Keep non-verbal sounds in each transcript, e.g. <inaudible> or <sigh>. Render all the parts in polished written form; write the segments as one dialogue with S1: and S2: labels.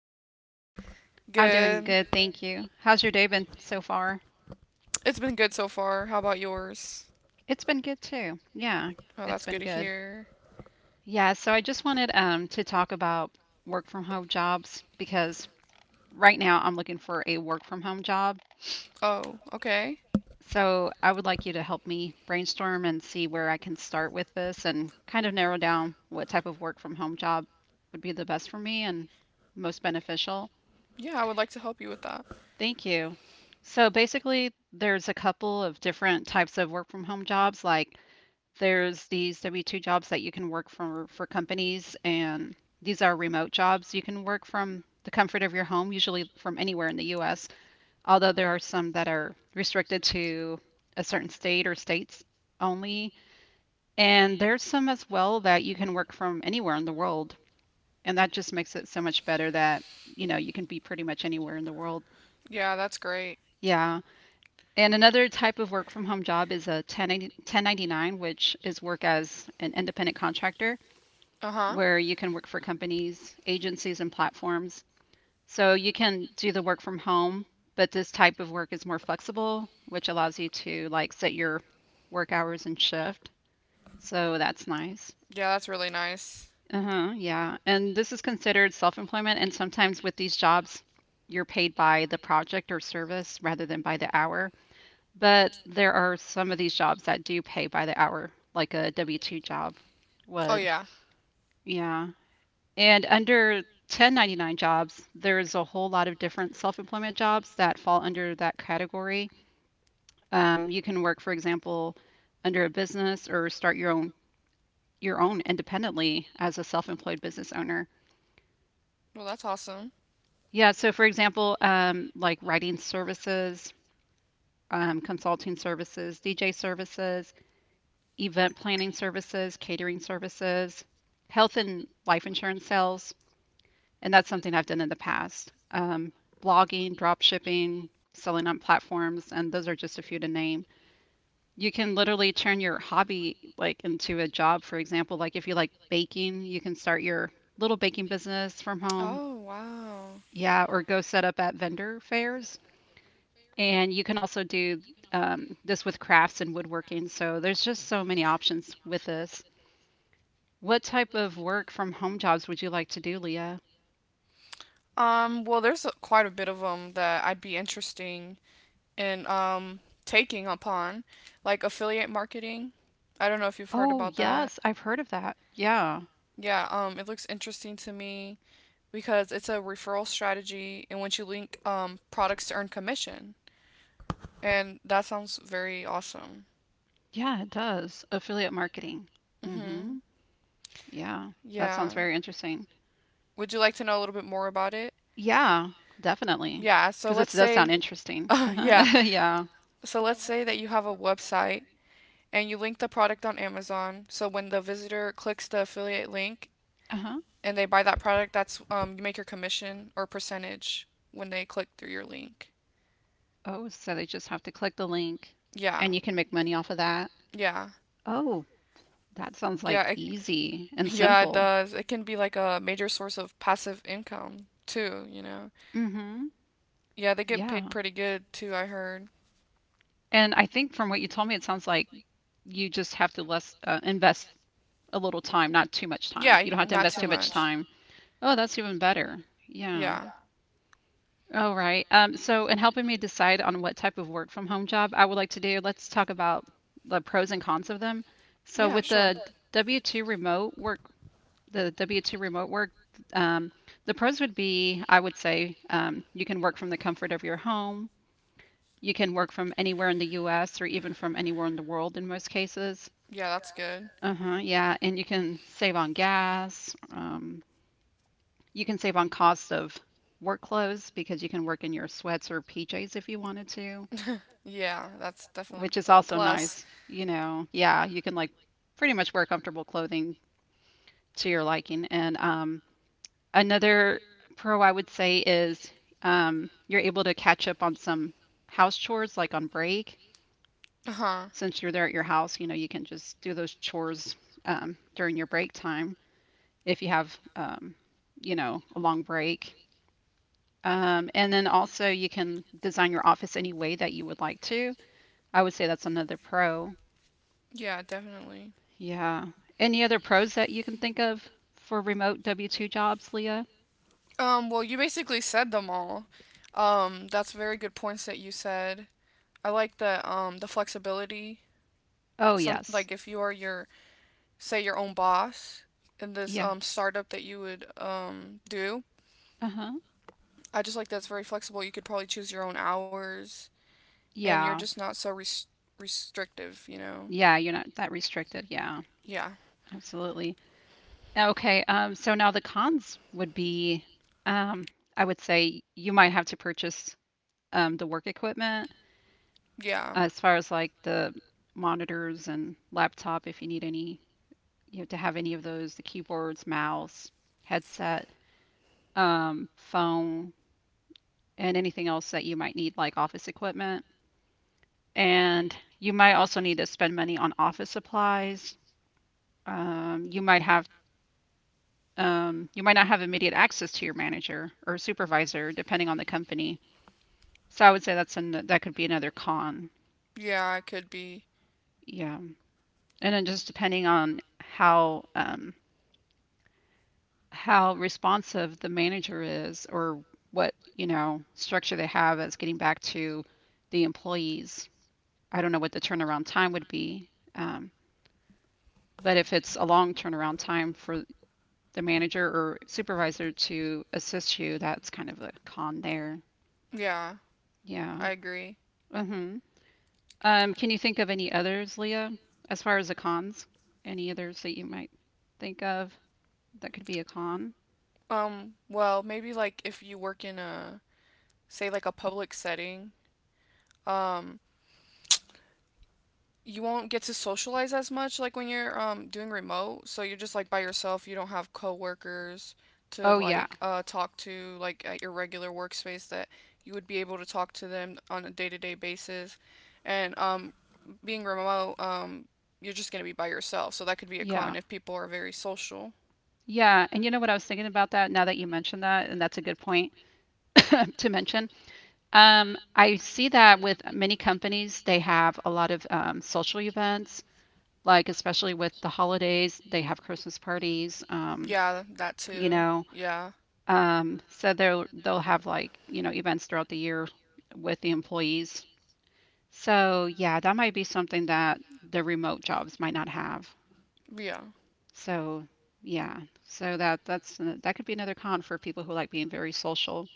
S1: how are
S2: you?
S1: you?
S2: I'm doing
S1: Good.
S2: good, thank you. How's your day been so far?
S1: It's been good so far. How about yours?
S2: It's been good too. Yeah,
S1: Oh,
S2: it's
S1: that's
S2: been
S1: good to
S2: good.
S1: hear.
S2: Yeah, so I just wanted to talk about work from home jobs because right now I'm looking for a work from home job.
S1: Oh, okay.
S2: So I would like you to help me brainstorm and see where I can start with this and kind of narrow down what type of work from home job would be the best for me and most beneficial.
S1: Yeah, I would like to help you with that.
S2: Thank you. So basically, there's a couple of different types of work from home jobs. Like there's these W-2 jobs that you can work for companies, and these are remote jobs. You can work from the comfort of your home, usually from anywhere in the US, although there are some that are restricted to a certain state or states only. And there's some as well that you can work from anywhere in the world. And that just makes it so much better that, you know, you can be pretty much anywhere in the world.
S1: Yeah, that's great.
S2: Yeah. And another type of work from home job is a 1099, which is work as an independent contractor,
S1: Uh-huh.
S2: where you can work for companies, agencies, and platforms. So you can do the work from home, but this type of work is more flexible, which allows you to like set your work hours and shift. So that's nice.
S1: Yeah, that's really nice.
S2: Uh-huh, yeah. And this is considered self-employment, and sometimes with these jobs, you're paid by the project or service rather than by the hour. But there are some of these jobs that do pay by the hour, like a W-2 job
S1: Oh,
S2: would.
S1: yeah.
S2: Yeah. And under 1099 jobs, there's a whole lot of different self-employment jobs that fall under that category. You can work, for example, under a business or start your own independently as a self-employed business owner.
S1: Well, that's awesome.
S2: Yeah, so for example, like writing services, consulting services, DJ services, event planning services, catering services, health and life insurance sales. And that's something I've done in the past. Blogging, drop shipping, selling on platforms, and those are just a few to name. You can literally turn your hobby like into a job, for example, like if you like baking, you can start your little baking business from home.
S1: Oh, wow.
S2: Yeah, or go set up at vendor fairs. And you can also do this with crafts and woodworking. So there's just so many options with this. What type of work from home jobs would you like to do, Leah?
S1: Well, there's a, quite a bit of them that I'd be interesting in taking upon, like affiliate marketing. I don't know if you've heard
S2: Oh,
S1: about that.
S2: yes, I've heard of that. Yeah.
S1: Yeah, it looks interesting to me, because it's a referral strategy in which you link products to earn commission. And that sounds very awesome.
S2: Yeah, it does. Affiliate marketing.
S1: Hmm.
S2: Mhm. Yeah. That sounds
S1: Yeah.
S2: very interesting.
S1: Would you like to know a little bit more about it?
S2: Yeah, definitely.
S1: Yeah, so
S2: Because it
S1: let's
S2: does sound
S1: say,
S2: interesting.
S1: <laughs> yeah,
S2: Uh-huh. <laughs> Yeah.
S1: so let's say that you have a website and you link the product on Amazon. So when the visitor clicks the affiliate link
S2: Uh-huh.
S1: and they buy that product, that's you make your commission or percentage when they click through your link.
S2: Oh, so they just have to click the link
S1: Yeah,
S2: and you can make money off of that.
S1: yeah,
S2: Oh, that sounds like
S1: yeah.
S2: easy and
S1: Yeah, it
S2: simple.
S1: does. It can be like a major source of passive income too, you know.
S2: Mhm.
S1: Yeah, they get paid
S2: Yeah.
S1: pretty good too, I heard.
S2: And I think from what you told me, it sounds like you just have to less invest a little time, not too much time.
S1: Yeah,
S2: You don't have to
S1: not
S2: invest
S1: too
S2: too much
S1: much.
S2: time. Oh, that's even better. Yeah.
S1: Yeah.
S2: Yeah. All right. So, in helping me decide on what type of work from home job I would like to do, let's talk about the pros and cons of them. So,
S1: Yeah,
S2: with
S1: sure.
S2: the W-2 remote work, the W-2 remote work, um, the pros would be, I would say, you can work from the comfort of your home. You can work from anywhere in the US or even from anywhere in the world in most cases.
S1: Yeah, that's good.
S2: Good. Uh-huh, yeah, and you can save on gas. You can save on cost of work clothes because you can work in your sweats or PJs if you wanted to,
S1: Yeah, that's definitely
S2: which is
S1: a
S2: also— that's
S1: plus.
S2: nice. You know, yeah, you can like pretty much wear comfortable clothing to your liking. And another pro I would say is you're able to catch up on some house chores like on break.
S1: Uh-huh.
S2: Since you're there at your house, you know, you can just do those chores during your break time if you have, you know, a long break. And then also you can design your office any way that you would like to. I would say that's another pro.
S1: Yeah, definitely.
S2: Yeah. Any other pros that you can think of for remote W-2 jobs, Leah?
S1: Well, you basically said them all. That's very good points that you said. I like the flexibility.
S2: Oh,
S1: Some,
S2: yes.
S1: like if you are your say your own boss in this
S2: Yeah.
S1: startup that you would do.
S2: Uh-huh.
S1: I just like that's very flexible. You could probably choose your own hours, and you're
S2: Yeah.
S1: just not so restrictive. You know?
S2: Yeah, you're not that restricted. Yeah.
S1: Yeah,
S2: Absolutely. Okay, so now the cons would be, um, I would say you might have to purchase the work equipment
S1: yeah,
S2: as far as like the monitors and laptop if you need any, you know, to have any of those, the keyboards, mouse, headset, phone, and anything else that you might need, like office equipment. And you might also need to spend money on office supplies. Um, you might have you might not have immediate access to your manager or supervisor, depending on the company. So I would say that could be another con.
S1: yeah. I could be.
S2: Yeah. And then just depending on how responsive the manager is or what, you know, structure they have as getting back to the employees. I don't know what the turnaround time would be. Um, but if it's a long turnaround time for the manager or supervisor to assist you, that's kind of a con there.
S1: Yeah,
S2: Yeah.
S1: I agree.
S2: hmm can you think of any others, Leah, as far as the cons? Any others that you might think of that could be a con?
S1: Well, maybe like if you work in a say like a public setting, um, you won't get to socialize as much, like when you're doing remote. So you're just like by yourself. You don't have coworkers to
S2: Oh, yeah.
S1: like talk to, like at your regular workspace that you would be able to talk to them on a day-to-day basis. And being remote, you're just going to be by yourself. So that could be a
S2: Yeah.
S1: con if people are very social.
S2: Yeah. And you know what? I was thinking about that now that you mentioned that, and that's a good point <laughs> to mention. I see that with many companies, they have a lot of social events, like especially with the holidays, they have Christmas parties.
S1: Yeah, that
S2: You
S1: too.
S2: know,
S1: Yeah.
S2: so they'll have like, you know, events throughout the year with the employees. So, yeah, that might be something that the remote jobs might not have.
S1: Yeah.
S2: So, yeah. That could be another con for people who like being very social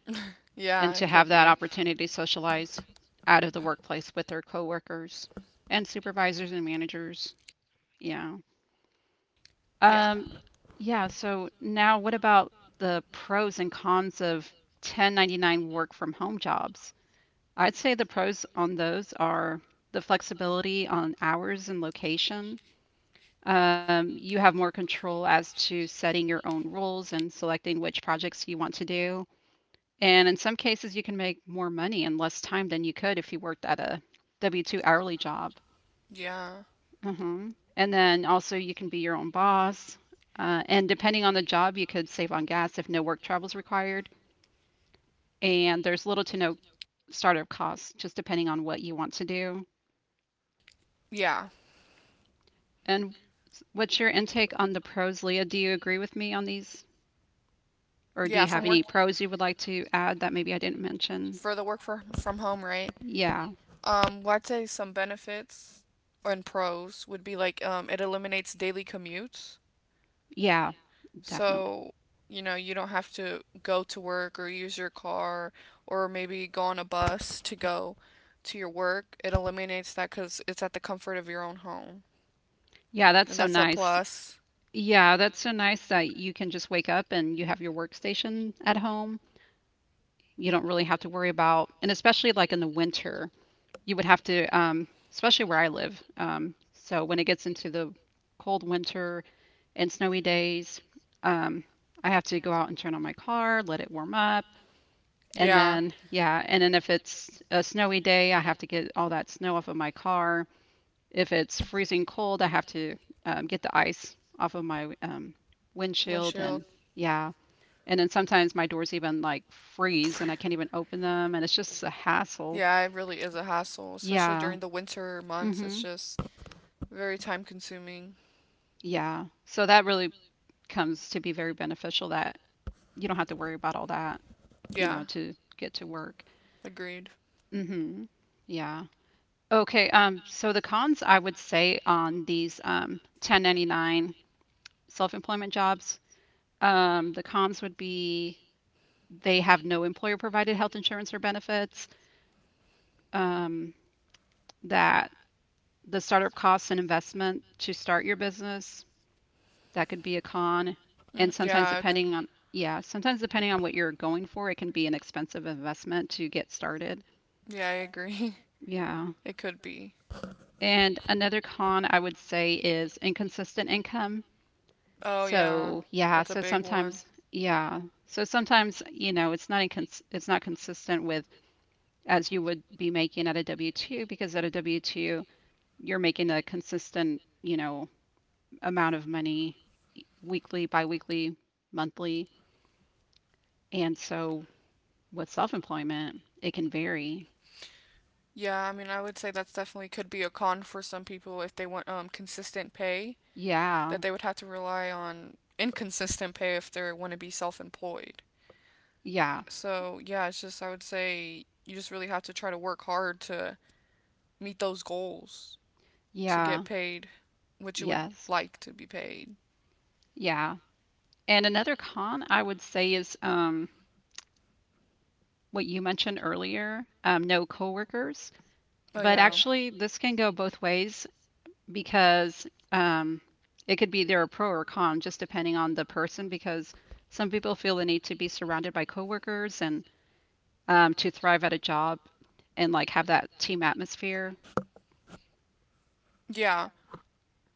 S1: Yeah,
S2: and
S1: it
S2: to
S1: could
S2: have that
S1: be.
S2: opportunity to socialize out of the workplace with their coworkers and supervisors and managers. Yeah.
S1: Yeah.
S2: Um, yeah, so now what about the pros and cons of 1099 work from home jobs? I'd say the pros on those are the flexibility on hours and location. You have more control as to setting your own rules and selecting which projects you want to do. And in some cases, you can make more money in less time than you could if you worked at a W W-2 hourly job.
S1: Yeah.
S2: hmm And then also, you can be your own boss. And depending on the job, you could save on gas if no work travel is required. And there's little to no startup costs, just depending on what you want to do.
S1: Yeah.
S2: And what's your intake on the pros, Leah? Do you agree with me on these? Or do
S1: Yeah,
S2: you have
S1: from work
S2: any pros you would like to add that maybe I didn't mention?
S1: for the work for, from home, right?
S2: Yeah,
S1: Well, I'd say some benefits and pros would be like it eliminates daily commutes.
S2: yeah, definitely.
S1: So, you know, you don't have to go to work or use your car or maybe go on a bus to go to your work. It eliminates that because it's at the comfort of your own home.
S2: Yeah, that's
S1: And
S2: so
S1: that's a
S2: nice.
S1: plus.
S2: Yeah, that's so nice that you can just wake up and you have your workstation at home. You don't really have to worry about, and especially like in the winter, you would have to, especially where I live. So when it gets into the cold winter and snowy days, um, I have to go out and turn on my car, let it warm up. And
S1: Yeah.
S2: then, yeah, and then if it's a snowy day, I have to get all that snow off of my car. If it's freezing cold, I have to get the ice off of my, windshield.
S1: Windshield.
S2: And yeah, and then sometimes my doors even like freeze and I can't even open them. And it's just a hassle.
S1: Yeah, it really is a hassle, especially
S2: Yeah.
S1: during the winter months. It's
S2: hmm
S1: just very time consuming.
S2: Yeah. So that really comes to be very beneficial that you don't have to worry about all that, you
S1: Yeah,
S2: know, to get to work.
S1: agreed.
S2: hmm Yeah. Okay, so the cons I would say on these 1099 self-employment jobs, the cons would be they have no employer-provided health insurance or benefits, um, that the startup costs and investment to start your business, that could be a con. And
S1: Mhm.
S2: sometimes depending on, yeah, sometimes depending on what you're going for, it can be an expensive investment to get started.
S1: Yeah, I agree. <laughs>
S2: Yeah.
S1: It could be.
S2: And another con I would say is inconsistent income.
S1: Oh, yeah,
S2: So
S1: that's a big one.
S2: yeah, so sometimes you know it's not consistent with as you would be making at a W-2, because at a W-2 you're making a consistent, you know, amount of money weekly, bi-weekly, monthly, and so with self-employment it can vary.
S1: Yeah, I mean, I would say that's definitely could be a con for some people if they want consistent pay,
S2: Yeah,
S1: that they would have to rely on inconsistent pay if they want to be self-employed.
S2: yeah,
S1: So, yeah, it's just I would say you just really have to try to work hard to meet those goals to get
S2: yeah,
S1: paid what you would Yeah.
S2: yes,
S1: like to be paid.
S2: yeah. And another con I would say is what you mentioned earlier, no coworkers.
S1: Oh
S2: But
S1: yeah.
S2: actually, this can go both ways because um, it could be there a pro or con, just depending on the person. Because some people feel the need to be surrounded by coworkers and to thrive at a job and like have that team atmosphere.
S1: Yeah.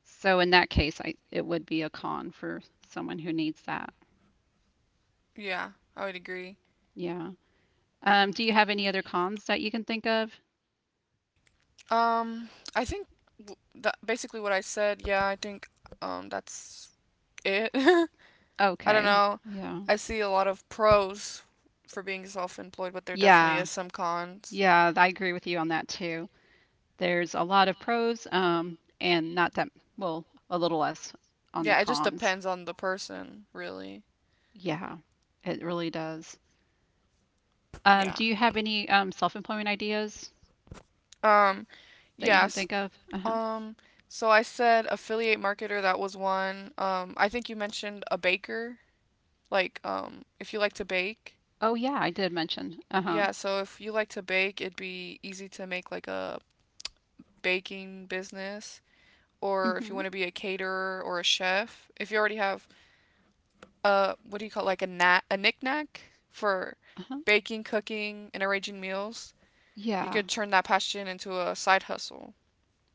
S2: So in that case, I it would be a con for someone who needs that.
S1: Yeah. I would agree.
S2: Yeah. Do you have any other cons that you can think of?
S1: Um I think that basically what I said, yeah, I think that's it. <laughs> I don't
S2: Okay.
S1: know.
S2: Yeah.
S1: I see a lot of pros for being self-employed, but there definitely
S2: Yeah.
S1: is some cons.
S2: Yeah, I agree with you on that too. There's a lot of pros and not that, well, a little less on the
S1: Yeah, it just
S2: cons.
S1: depends on the person, really.
S2: Yeah, it really does.
S1: Yeah.
S2: Do you have any self-employment ideas
S1: Um
S2: that you can
S1: yes,
S2: think of? Uh-huh.
S1: Um, so I said affiliate marketer, that was one. I think you mentioned a baker, like if you like to bake.
S2: Oh yeah, I did mention. Uh-huh.
S1: Yeah, so if you like to bake, it'd be easy to make like a baking business. Or if you
S2: Mm-hmm.
S1: want to be a caterer or a chef, if you already have what do you call it, like a knack, a knick-knack for
S2: Uh-huh.
S1: baking, cooking, and arranging meals, you
S2: Yeah.
S1: could turn that passion into a side hustle.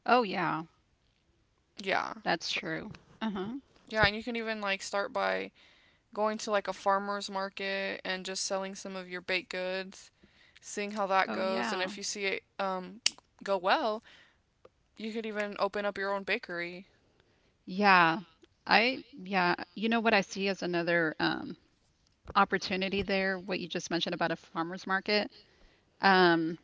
S2: Oh yeah,
S1: Yeah.
S2: that's
S1: So
S2: true. Uh-huh.
S1: yeah, and you can even like start by going to like a farmer's market and just selling some of your baked goods, seeing how that
S2: Oh
S1: goes. And
S2: yeah.
S1: if you see it go well, you could even open up your own bakery.
S2: Yeah. You know what I see as another opportunity there, what you just mentioned about a farmer's market. Um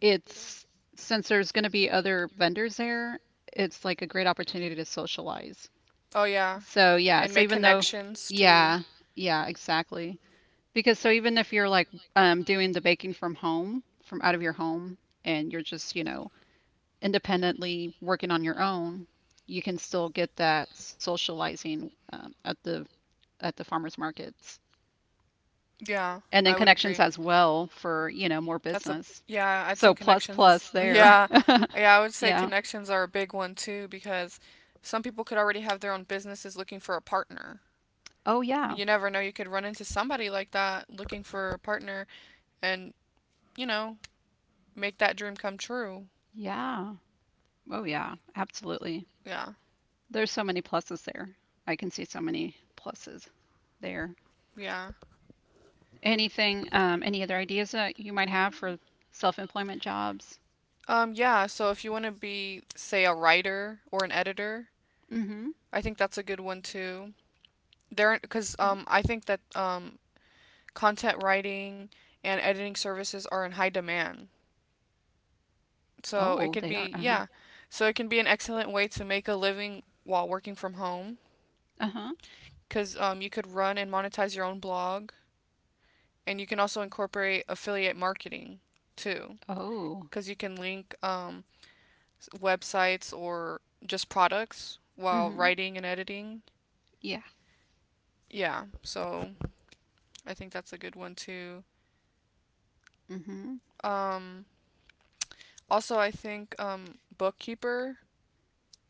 S2: It's Since there's going to be other vendors there, it's like a great opportunity to socialize.
S1: Oh, yeah.
S2: So, yeah,
S1: And
S2: so
S1: make
S2: even though,
S1: connections too.
S2: yeah, yeah, exactly. Because so even if you're like doing the baking from home, from out of your home, and you're just, you know, independently working on your own, you can still get that socializing at the farmers markets.
S1: Yeah,
S2: And then
S1: I would
S2: connections
S1: agree.
S2: as well for, you know, more
S1: That's a,
S2: business.
S1: yeah, I'd say
S2: So plus
S1: connections is,
S2: plus
S1: <laughs>
S2: there.
S1: yeah.
S2: <laughs>
S1: Yeah, I would say
S2: Yeah.
S1: connections are a big one too because some people could already have their own businesses looking for a partner.
S2: Oh yeah.
S1: You never know, you could run into somebody like that looking for a partner and, you know, make that dream come true.
S2: Yeah. Oh yeah, absolutely.
S1: Yeah.
S2: There's so many pluses there. I can see so many pluses there.
S1: Yeah.
S2: Anything, any other ideas that you might have for self-employment jobs?
S1: Yeah, so if you want to be say a writer or an editor,
S2: Mm-hmm.
S1: I think that's a good one too. There cuz
S2: Oh,
S1: um I think that content writing and editing services are in high demand. So
S2: oh,
S1: it could
S2: they are.
S1: be
S2: Uh-huh.
S1: yeah. So it can be an excellent way to make a living while working from home
S2: Uh-huh.
S1: cuz you could run and monetize your own blog, and you can also incorporate affiliate marketing too
S2: Oh.
S1: cuz you can link websites or just products while
S2: Mm-hmm.
S1: writing and editing.
S2: Yeah.
S1: Yeah, so I think that's a good one too.
S2: Mm-hmm.
S1: Um, also, I think bookkeeper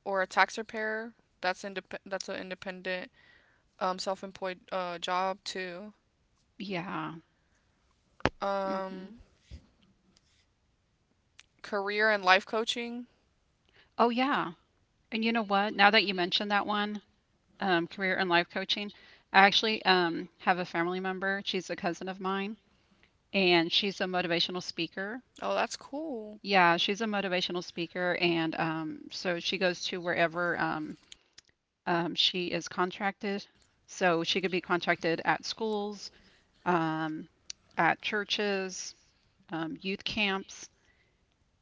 S1: or a tax preparer. That's an independent, self-employed job too.
S2: Yeah.
S1: Um,
S2: Mm-hmm.
S1: career and life coaching.
S2: Oh, yeah. And you know what? Now that you mentioned that one, career and life coaching, I actually have a family member. She's a cousin of mine, and she's a motivational speaker.
S1: Oh, that's cool.
S2: Yeah, she's a motivational speaker, and so she goes to wherever she is contracted. So she could be contracted at schools, um, at churches, youth camps,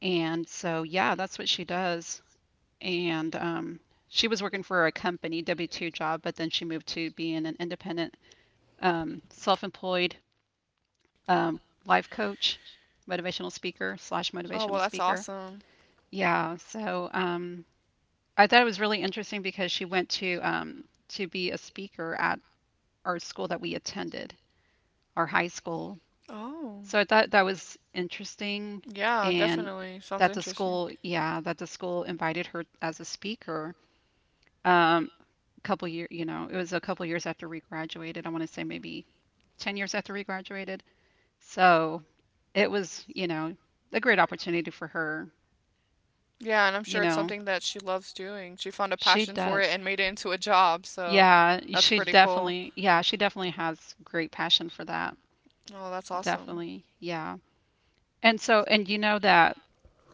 S2: and so yeah, that's what she does. And she was working for a company W two job, but then she moved to being an independent, self employed um, life coach, motivational speaker slash
S1: Oh, well,
S2: motivational
S1: that's
S2: speaker.
S1: awesome.
S2: Yeah, so I thought it was really interesting because she went to be a speaker at our school that we attended, our high school.
S1: Oh,
S2: So I thought that was interesting,
S1: yeah,
S2: and
S1: definitely. Sounds interesting.
S2: that the school invited her as a speaker. Um, Couple years, you know, it was a couple years after we graduated. I want to say maybe 10 years after we graduated. So it was, you know, a great opportunity for her.
S1: Yeah, and I'm
S2: You
S1: sure it's
S2: know,
S1: something that she loves doing. She found a
S2: she
S1: passion for it
S2: does.
S1: and made it into a job, so
S2: Yeah,
S1: that's pretty cool.
S2: she definitely has great passion for that.
S1: Oh, that's awesome. <laughs>
S2: Definitely. Yeah. And so, and you know that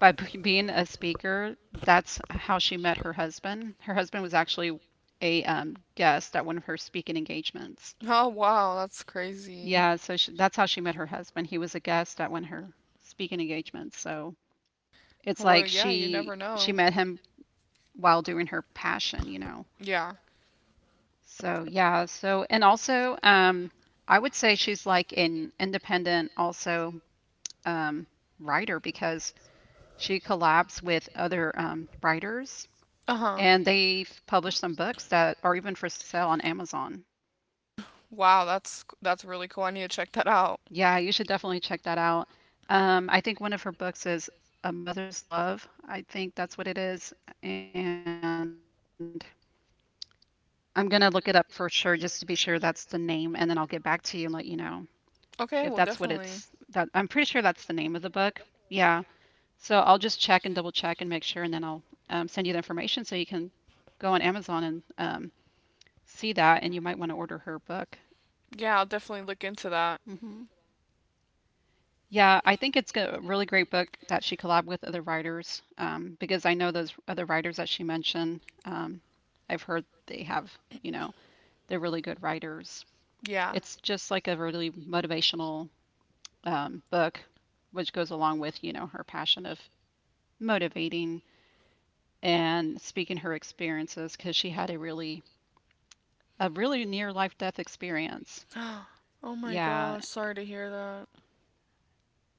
S2: by <laughs> being a speaker, that's how she met her husband. Her husband was actually a guest at one of her speaking engagements.
S1: Oh, wow, that's crazy.
S2: Yeah, so that's how she met her husband. He was a guest at one of her speaking engagements. So it's
S1: Well,
S2: like
S1: yeah, you
S2: she
S1: never
S2: she
S1: know.
S2: met him while doing her passion, you know.
S1: Yeah.
S2: So yeah, so and also I would say she's like an independent also um writer because she collabs with other writers
S1: Uh-huh.
S2: and they've published some books that are even for sale on Amazon.
S1: Wow, that's really cool. I need to check that out.
S2: Yeah, you should definitely check that out. I think one of her books is A Mother's Love. I think that's what it is. And I'm going to look it up for sure just to be sure that's the name, and then I'll get back to you and let you know if that's what it's
S1: Okay, well,
S2: that I'm
S1: definitely.
S2: pretty sure that's the name of the book. Yeah. So I'll just check and double check and make sure, and then I'll send you the information so you can go on Amazon and see that, and you might want to order her book.
S1: Yeah, I'll definitely look into that.
S2: hmm Yeah, I think it's a really great book that she collabed with other writers because I know those other writers that she mentioned. Um, I've heard they have, you know, they're really good writers.
S1: Yeah.
S2: It's just like a really motivational book, which goes along with, you know, her passion of motivating and speaking her experiences because she had a really near life death experience.
S1: <gasps> Oh my
S2: Yeah,
S1: gosh, sorry to hear that.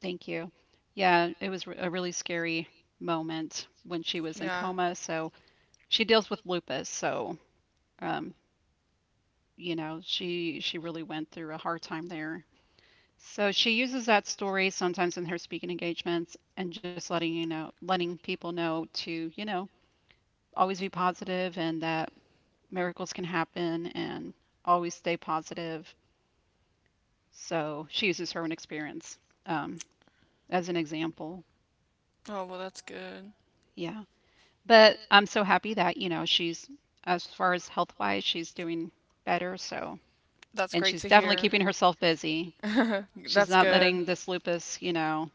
S2: thank you. Yeah, it was a really scary moment when she was in
S1: Yeah.
S2: coma. So she deals with lupus. So, um, you know, she really went through a hard time there. So she uses that story sometimes in her speaking engagements and just letting people know to, you know, always be positive and that miracles can happen and always stay positive. So she uses her own experience um, as an example.
S1: Oh, well, that's good.
S2: Yeah. But I'm so happy that, you know, as far as health wise, she's doing better. So,
S1: That's
S2: and
S1: great
S2: she's
S1: to
S2: definitely
S1: hear.
S2: keeping herself busy.
S1: <laughs>
S2: She's
S1: That's
S2: not
S1: good.
S2: letting this lupus, you know,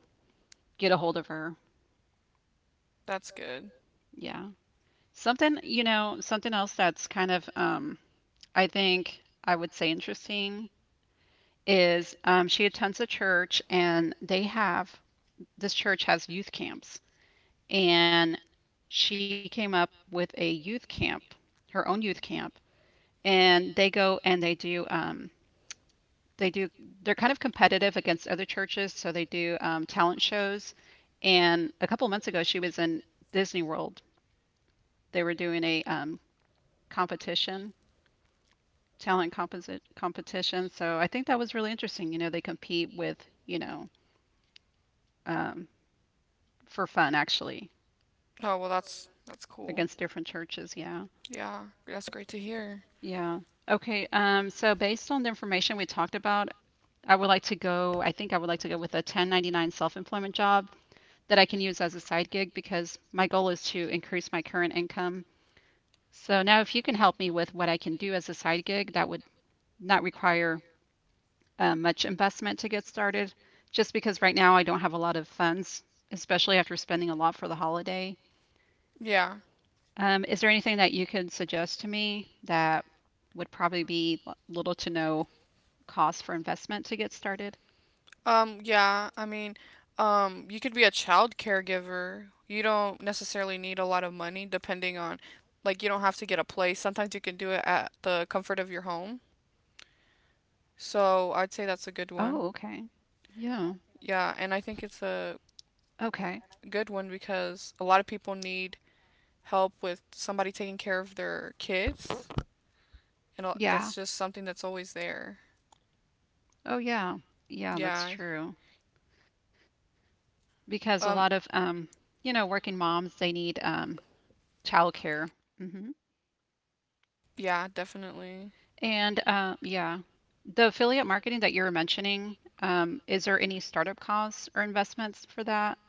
S2: get a hold of her.
S1: That's good.
S2: Yeah. Something, you know, something else that's kind of, I think I would say interesting is she attends a church and they have, this church has youth camps. And she came up with a youth camp, her own youth camp. And they go and they do, they do they're kind of competitive against other churches, so they do talent shows, and a couple of months ago she was in Disney World. They were doing a competition talent composite competition. So I think that was really interesting, you know. They compete with, you know, um, for fun actually
S1: Oh, well, that's cool.
S2: against different churches. Yeah,
S1: Yeah, that's great to hear.
S2: yeah. Okay, so based on the information we talked about, I think I would like to go with a 1099 self-employment job that I can use as a side gig because my goal is to increase my current income. So now, if you can help me with what I can do as a side gig, that would not require much investment to get started, just because right now I don't have a lot of funds, especially after spending a lot for the holiday.
S1: Yeah.
S2: Is there anything that you could suggest to me that would probably be little to no cost for investment to get started?
S1: Yeah, I mean, you could be a child caregiver. You don't necessarily need a lot of money depending on like you don't have to get a place. Sometimes you can do it at the comfort of your home. So, I'd say that's a good
S2: Oh,
S1: one.
S2: okay. Yeah.
S1: Yeah, and I think it's a
S2: Okay.
S1: good one because a lot of people need help with somebody taking care of their kids, and that's just something that's
S2: Yeah.
S1: always there.
S2: Oh, yeah.
S1: Yeah.
S2: Yeah, that's true. Because a
S1: Um.
S2: lot of you know, working moms, they need childcare. hmm
S1: Yeah. Definitely.
S2: And yeah, the affiliate marketing that you were mentioning, is there any startup costs or investments for that?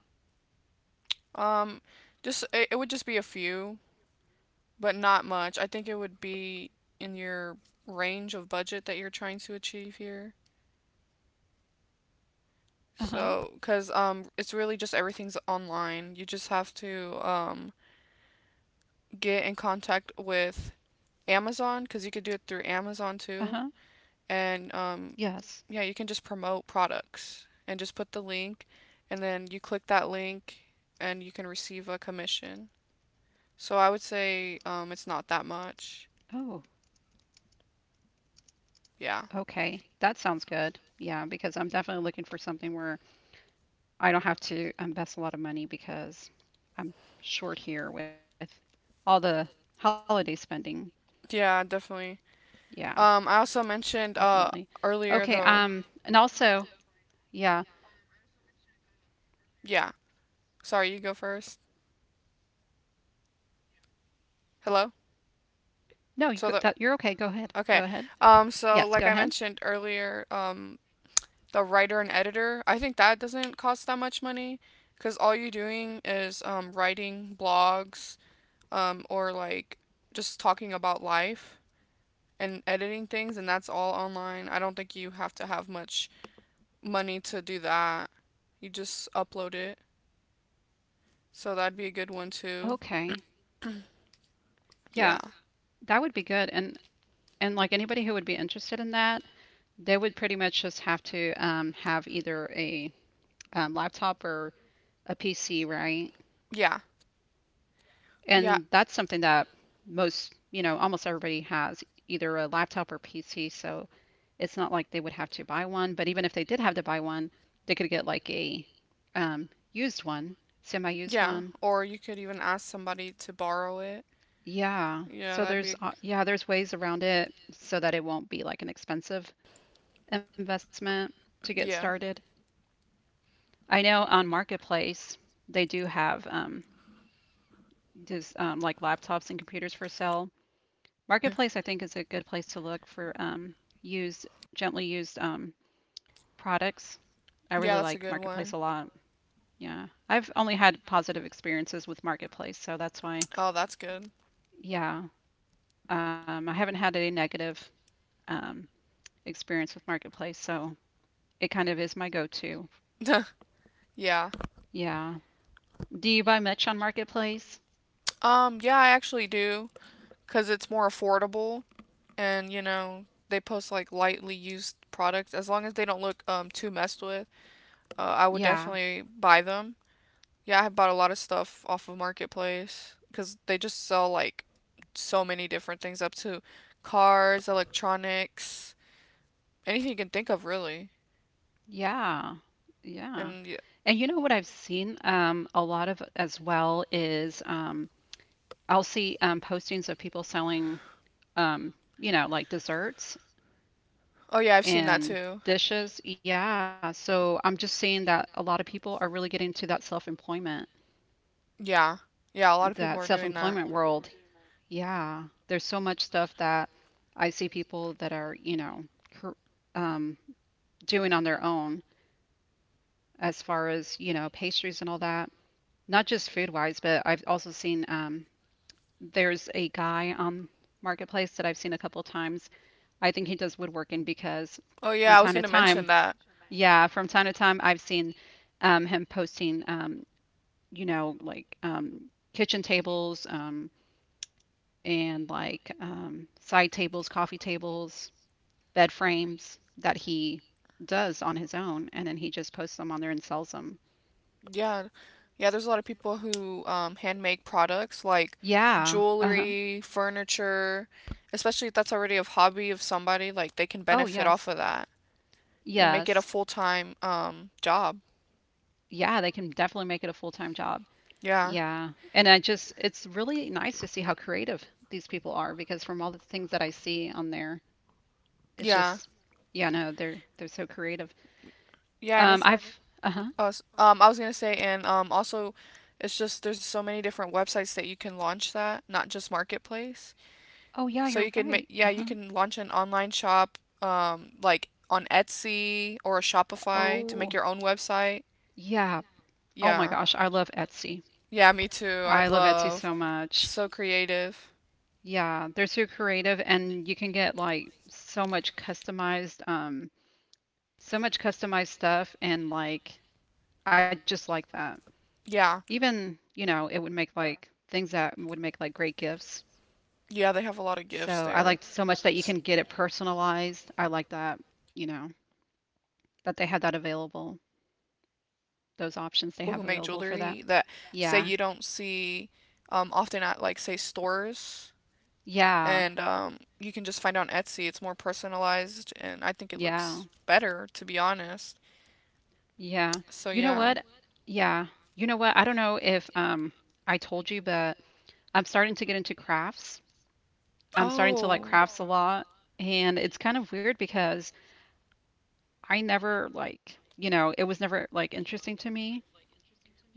S1: Um. Just it would just be a few, but not much. I think it would be in your range of budget that you're trying to achieve here.
S2: Uh-huh.
S1: So, because it's really just everything's online. You just have to get in contact with Amazon because you could do it through Amazon too,
S2: Uh-huh.
S1: and
S2: Yes.
S1: yeah, you can just promote products and just put the link, and then you click that link and you can receive a commission. So I would say it's not that much.
S2: Oh,
S1: Yeah.
S2: okay. That sounds good. Yeah, because I'm definitely looking for something where I don't have to invest a lot of money because I'm short here with all the holiday spending.
S1: Yeah, definitely.
S2: Yeah,
S1: I also mentioned
S2: definitely. Okay,
S1: earlier though.
S2: and also, yeah,
S1: Yeah. Sorry, you go first. Hello?
S2: no, you
S1: So
S2: go,
S1: the
S2: that you're okay. Go ahead.
S1: okay.
S2: Go ahead.
S1: So
S2: Yes,
S1: like
S2: go
S1: I
S2: ahead.
S1: mentioned earlier, the writer and editor, I think that doesn't cost that much money because all you're doing is writing blogs or like just talking about life and editing things, and that's all online. I don't think you have to have much money to do that. You just upload it. So that'd be a good one too.
S2: Okay. Yeah,
S1: Yeah.
S2: that would be good. And like anybody who would be interested in that, they would pretty much just have to have either a laptop or a PC, right?
S1: Yeah. Yeah.
S2: And that's something that most, you know, almost everybody has either a laptop or PC. So it's not like they would have to buy one. But even if they did have to buy one, they could get like a used one, semi-used
S1: Yeah.
S2: one.
S1: Or you could even ask somebody to borrow it.
S2: Yeah.
S1: Yeah,
S2: So
S1: that'd be
S2: there's
S1: a,
S2: there's ways around it so that it won't be like an expensive investment to get
S1: yeah.
S2: started. I know on Marketplace they do have just like laptops and computers for sale. Marketplace I think is a good place to look for used, gently used products. I
S1: Yeah,
S2: really
S1: that's a
S2: like
S1: good
S2: Marketplace
S1: one.
S2: a lot. Yeah. I've only had positive experiences with Marketplace, so that's why,
S1: Oh, that's good.
S2: yeah. I haven't had any negative um experience with Marketplace, so it kind of is my go-to.
S1: <laughs> Yeah.
S2: Yeah. Do you buy much on Marketplace?
S1: Yeah, I actually do, 'cause it's more affordable, and you know they post like lightly used products. As long as they don't look too messed with, I would
S2: Yeah.
S1: definitely buy them. Yeah, I have bought a lot of stuff off of Marketplace because they just sell like so many different things, up to cars, electronics, anything you can think of really.
S2: Yeah. Yeah.
S1: And yeah.
S2: And you know what I've seen a lot of as well is I'll see postings of people selling, um, you know, like desserts
S1: Oh yeah, I've seen that
S2: and
S1: too.
S2: dishes. Yeah. So I'm just seeing that a lot of people are really getting to
S1: Yeah, yeah, a lot of people
S2: that
S1: are doing that.
S2: self-employment world. Yeah. There's so much stuff that I see people that are, you know, cr- um, doing on their own as far as, you know, pastries and all that. Not just food wise, but I've also seen there's a guy on Marketplace that I've seen a couple times. I think he does woodworking because
S1: Oh
S2: from
S1: yeah, I was
S2: time to
S1: gonna
S2: time,
S1: mention that.
S2: yeah, from time to time, I've seen him posting, you know, like kitchen tables, and like side tables, coffee tables, bed frames that he does on his own, and then he just posts them on there and sells them.
S1: Yeah. Yeah, there's a lot of people who hand make products like
S2: Yeah. Uh-huh.
S1: jewelry, furniture, especially if that's already a hobby of somebody, like they can
S2: Oh,
S1: benefit off
S2: yes.
S1: of that and make it a
S2: Yes.
S1: full-time job.
S2: Yeah, they can definitely make it a full-time job.
S1: Yeah.
S2: Yeah. And I just it's really nice to see how creative these people are because from all the things that I see on there, it's
S1: Yeah.
S2: just yeah, no, they're so creative.
S1: Yeah, and it's
S2: I've uh-huh.
S1: <laughs> I was gonna say, and also it's just there's so many different websites that you can launch that, not just Marketplace.
S2: Oh yeah,
S1: So
S2: you're
S1: you can
S2: right.
S1: make yeah, you
S2: Uh-huh.
S1: can launch an online shop like on Etsy or a Shopify to make
S2: Oh,
S1: your own website.
S2: yeah. Oh my
S1: Yeah.
S2: gosh, I love Etsy.
S1: Yeah, me too. I
S2: I love Etsy
S1: love.
S2: so
S1: It's
S2: much.
S1: so creative.
S2: Yeah, they're so creative and you can get like so much customized. So much customized stuff and like I just like that.
S1: Yeah.
S2: Even, you know, it would make like things that would make like great gifts.
S1: Yeah, they have a lot of gifts
S2: So I
S1: there.
S2: liked so much that you
S1: S-
S2: can get it personalized. I like that, you know,
S1: Yeah, what I like to buy
S2: that
S1: off
S2: they had
S1: Etsy
S2: that
S1: a lot is
S2: available,
S1: jewelry. So like there's people who
S2: those
S1: make
S2: options they
S1: jewelry
S2: have
S1: that
S2: available for that.
S1: say you don't
S2: Yeah.
S1: see often at like say stores
S2: Yeah.
S1: and you can just find on Etsy. It's more personalized and I think it
S2: Yeah.
S1: looks better to be honest.
S2: Yeah.
S1: So
S2: You know
S1: yeah.
S2: what? Yeah. You know what? I don't know if I told you, but I'm starting to get into crafts. I'm starting to like
S1: Oh.
S2: crafts a lot, and it's kind of weird because I never like, you know, it was never like interesting to me.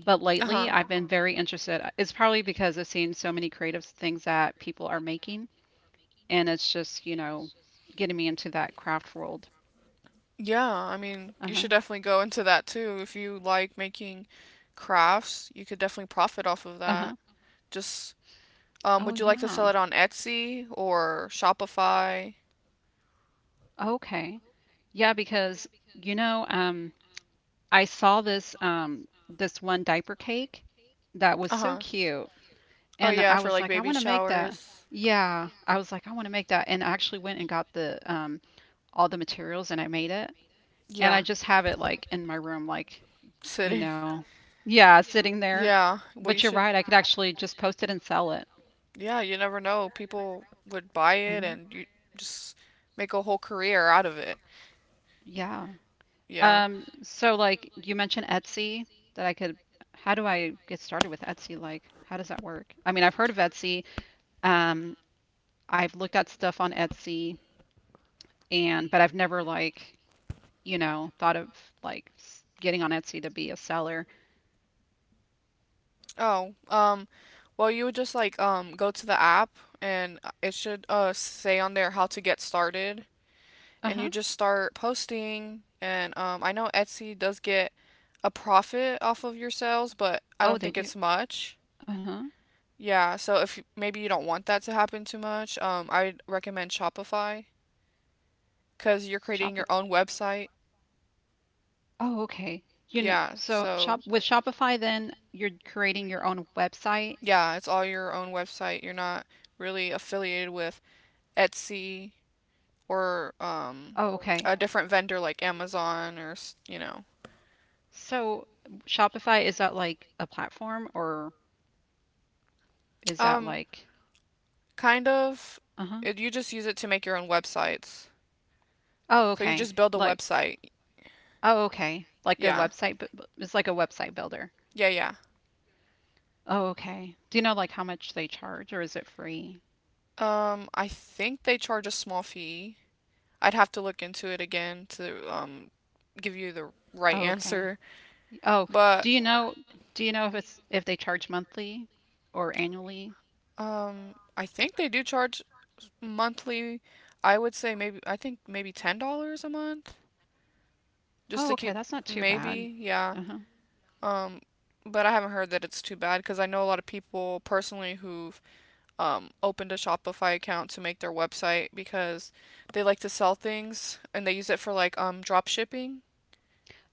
S2: But lately, I've been very interested. It's probably because I've seen so many creative things that people are making, and it's just, you know, getting me into that craft world.
S1: Yeah, I mean,
S2: Uh
S1: you should
S2: huh.
S1: definitely go into that too. If you like making crafts, you could definitely profit off
S2: Uh
S1: of
S2: huh.
S1: that. Just,
S2: Oh
S1: would you like to
S2: yeah.
S1: sell it on Etsy or Shopify?
S2: Okay. Yeah, because you know, um, I saw this one diaper cake that was so
S1: Uh-huh.
S2: cute,
S1: Oh
S2: and
S1: yeah,
S2: I
S1: for
S2: was
S1: like
S2: like, I
S1: baby
S2: want to make that.
S1: showers.
S2: Yeah, I was like, I want to make that, and I actually went and got the all the materials and I made it.
S1: Yeah,
S2: And I just have it like in my room, like,
S1: sitting.
S2: you know, yeah, sitting there.
S1: Yeah, well, you
S2: But you're
S1: should.
S2: right, I could actually just post it and sell it.
S1: Yeah, you never know. People would buy it
S2: Mhm.
S1: and you just make a whole career out of it.
S2: Yeah.
S1: Yeah.
S2: So like you mentioned Etsy that how do I get started with Etsy? Like, how does that work? I mean, I've heard of Etsy. Um, I've looked at stuff on Etsy but I've never like, thought of like getting on Etsy to be a seller.
S1: Oh, well, you would just like go to the app and it should say on there how to get started and you
S2: Uh-huh.
S1: just start posting and I know Etsy does get a profit off of your sales, but I don't
S2: Oh,
S1: think
S2: they
S1: it's
S2: do.
S1: much.
S2: Uh huh.
S1: Yeah, so if you- maybe you don't want that to happen too much. I'd recommend Shopify because 'cause you're creating
S2: Shopify.
S1: your own website.
S2: Oh, okay. You know,
S1: Yeah,
S2: so
S1: so
S2: shop with Shopify, then you're creating your own website.
S1: yeah, it's all your own website. You're not really affiliated with Etsy or
S2: Oh, okay.
S1: a different vendor like Amazon or you know.
S2: So Shopify, is that like a platform or is that
S1: Um,
S2: like,
S1: kind of.
S2: uh-huh.
S1: It, you just use it to make your own websites.
S2: Oh,
S1: So you
S2: okay.
S1: just build a
S2: Like,
S1: website.
S2: oh, okay. Like a
S1: Yeah.
S2: website, but it's like a website builder.
S1: Yeah, yeah.
S2: Oh, okay. Do you know like how much they charge or is it free?
S1: I think they charge a small fee. I'd have to look into it again to give you the right
S2: Oh, okay.
S1: answer.
S2: Oh,
S1: But
S2: do you know do you know if it's if they charge monthly or annually?
S1: I think they do charge monthly. I would say maybe I think maybe $10 a month.
S2: Oh,
S1: Just to
S2: okay,
S1: keep,
S2: that's not too bad.
S1: maybe, yeah.
S2: Uh-huh.
S1: Um, but I haven't heard that it's too bad because I know a lot of people personally who've opened a Shopify account to make their website because they like to sell things and they use it for like drop shipping.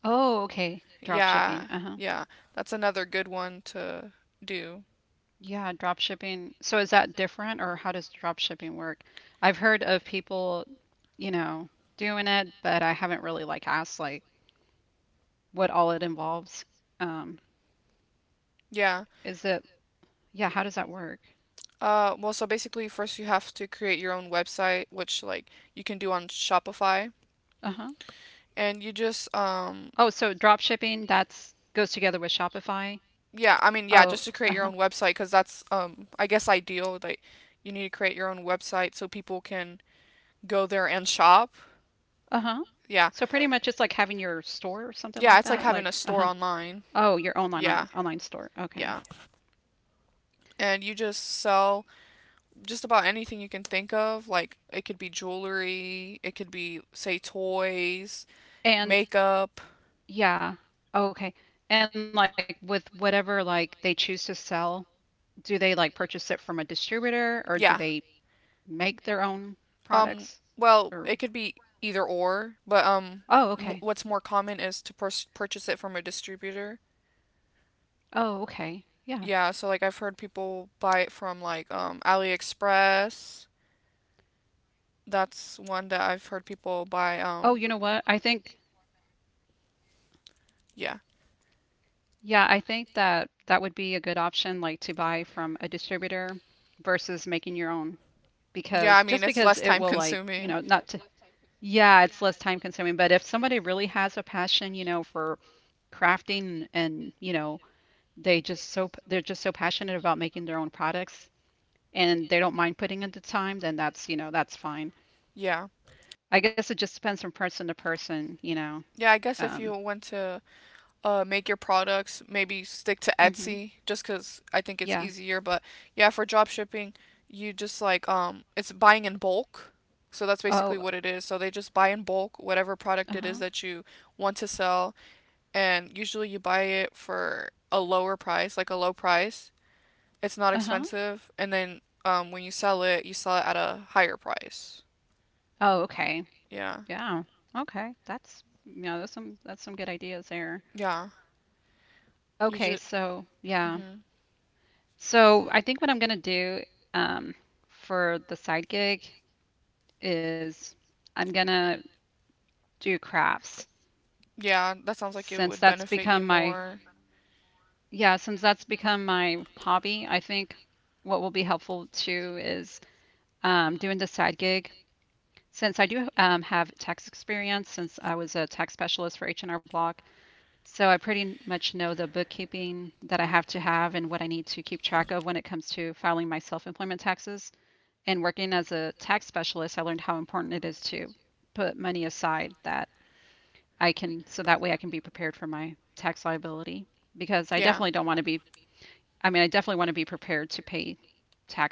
S2: Oh, okay. Drop shipping.
S1: Yeah,
S2: Uh-huh.
S1: yeah, that's another good one to do.
S2: Yeah, drop shipping. So is that different or how does drop shipping work? I've heard of people, you know, doing it, but I haven't really like asked like what all it involves. Um,
S1: Yeah.
S2: is it yeah, how does that work?
S1: Well, so basically, first you have to create your own website, which like you can do on Shopify,
S2: Uh-huh.
S1: and you just
S2: Oh, so drop shipping that's goes together with Shopify.
S1: yeah, yeah,
S2: Oh,
S1: just to create your
S2: uh-huh.
S1: own website because that's, I guess, ideal. Like, you need to create your own website so people can go there and shop.
S2: Uh-huh.
S1: Yeah,
S2: So pretty much it's like having your store or something
S1: yeah,
S2: like
S1: it's like
S2: that,
S1: having
S2: like
S1: a store
S2: uh-huh.
S1: online.
S2: Oh, your online
S1: Yeah,
S2: online store. Okay.
S1: yeah, and you just sell just about anything you can think of. Like, it could be jewelry, it could be, say, toys,
S2: And
S1: makeup.
S2: yeah. Oh, okay. And like with whatever like they choose to sell, do they like purchase it from a distributor or do they
S1: Yeah.
S2: make their own
S1: Um,
S2: products
S1: well,
S2: or
S1: it could be either or, but
S2: Oh, okay.
S1: what's more common is to purchase it from a distributor.
S2: Oh, okay. Yeah.
S1: Yeah, so like I've heard people buy it from like AliExpress. That's one that I've heard
S2: Oh, you know
S1: people
S2: what?
S1: buy.
S2: I think
S1: Yeah,
S2: yeah, I think that that would be a good option like to buy from a distributor versus making your own because
S1: yeah.
S2: just
S1: I mean,
S2: because
S1: it's
S2: it
S1: less
S2: will
S1: time
S2: like, you know,
S1: consuming.
S2: not to yeah, it's less time consuming, but if somebody really has a passion, you know, for crafting and, you know, they're just so passionate about making their own products and they don't mind putting in the time, then that's, you know, that's fine.
S1: Yeah,
S2: I guess it just depends from person to person, you know.
S1: yeah. I guess if
S2: Um,
S1: you went to make your products, maybe stick to
S2: hmm
S1: Etsy just because I think it's
S2: Yeah.
S1: easier. But yeah, for drop shipping, it's buying in bulk. So that's basically
S2: Oh,
S1: what it is. So they just buy in bulk whatever product it
S2: uh-huh.
S1: is that you want to sell. And usually you buy it for a lower price, like a low price. It's not
S2: Uh-huh.
S1: expensive. And then when you sell it at a higher price.
S2: Oh, okay.
S1: Yeah.
S2: Yeah. Okay. That's, you know, there's some that's some good ideas there.
S1: Yeah. You
S2: Okay,
S1: just.
S2: so yeah.
S1: Hmm.
S2: So I think what I'm gonna do um for the side gig is I'm gonna do crafts
S1: Yeah, that sounds like
S2: since
S1: it
S2: that's
S1: would
S2: become
S1: benefit you
S2: my
S1: more.
S2: yeah, since that's become my hobby, I think what will be helpful too is doing the side gig. Since I do have tax experience, since I was a tax specialist for H&R Block, so I pretty much know the bookkeeping that I have to have and what I need to keep track of when it comes to filing my self-employment taxes. And working as a tax specialist, I learned how important it is to put money aside that I can, so that way I can be prepared for my tax liability because I
S1: Yeah.
S2: definitely don't want to be I definitely want to be prepared to pay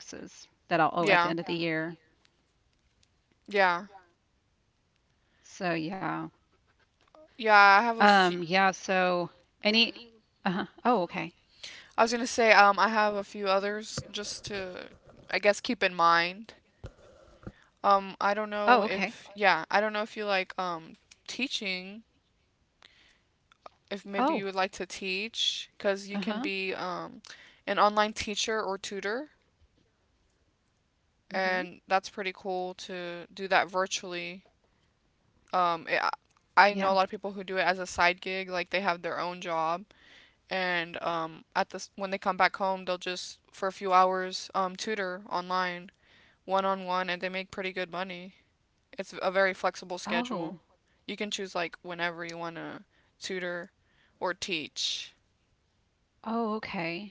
S2: taxes that I'll
S1: Yeah.
S2: owe at the end of the year.
S1: Yeah.
S2: So yeah.
S1: Yeah, I have a few
S2: Yeah. any uh-huh. Oh, okay.
S1: I was gonna say, I have a few others just to, I guess, keep in mind.
S2: Oh, okay.
S1: I don't know if you like, teaching, if maybe you would like to
S2: Oh,
S1: teach, cause you can be,
S2: uh-huh.
S1: an online teacher or tutor, and
S2: Hmm.
S1: that's pretty cool to do that virtually. Um, I I know a lot of
S2: Yeah.
S1: people who do it as a side gig, like they have their own job and at this when they come back home, they'll just for a few hours tutor online, one on one, and they make pretty good money. It's a very flexible schedule.
S2: Oh.
S1: You can choose like whenever you wanna tutor or teach.
S2: Oh, okay.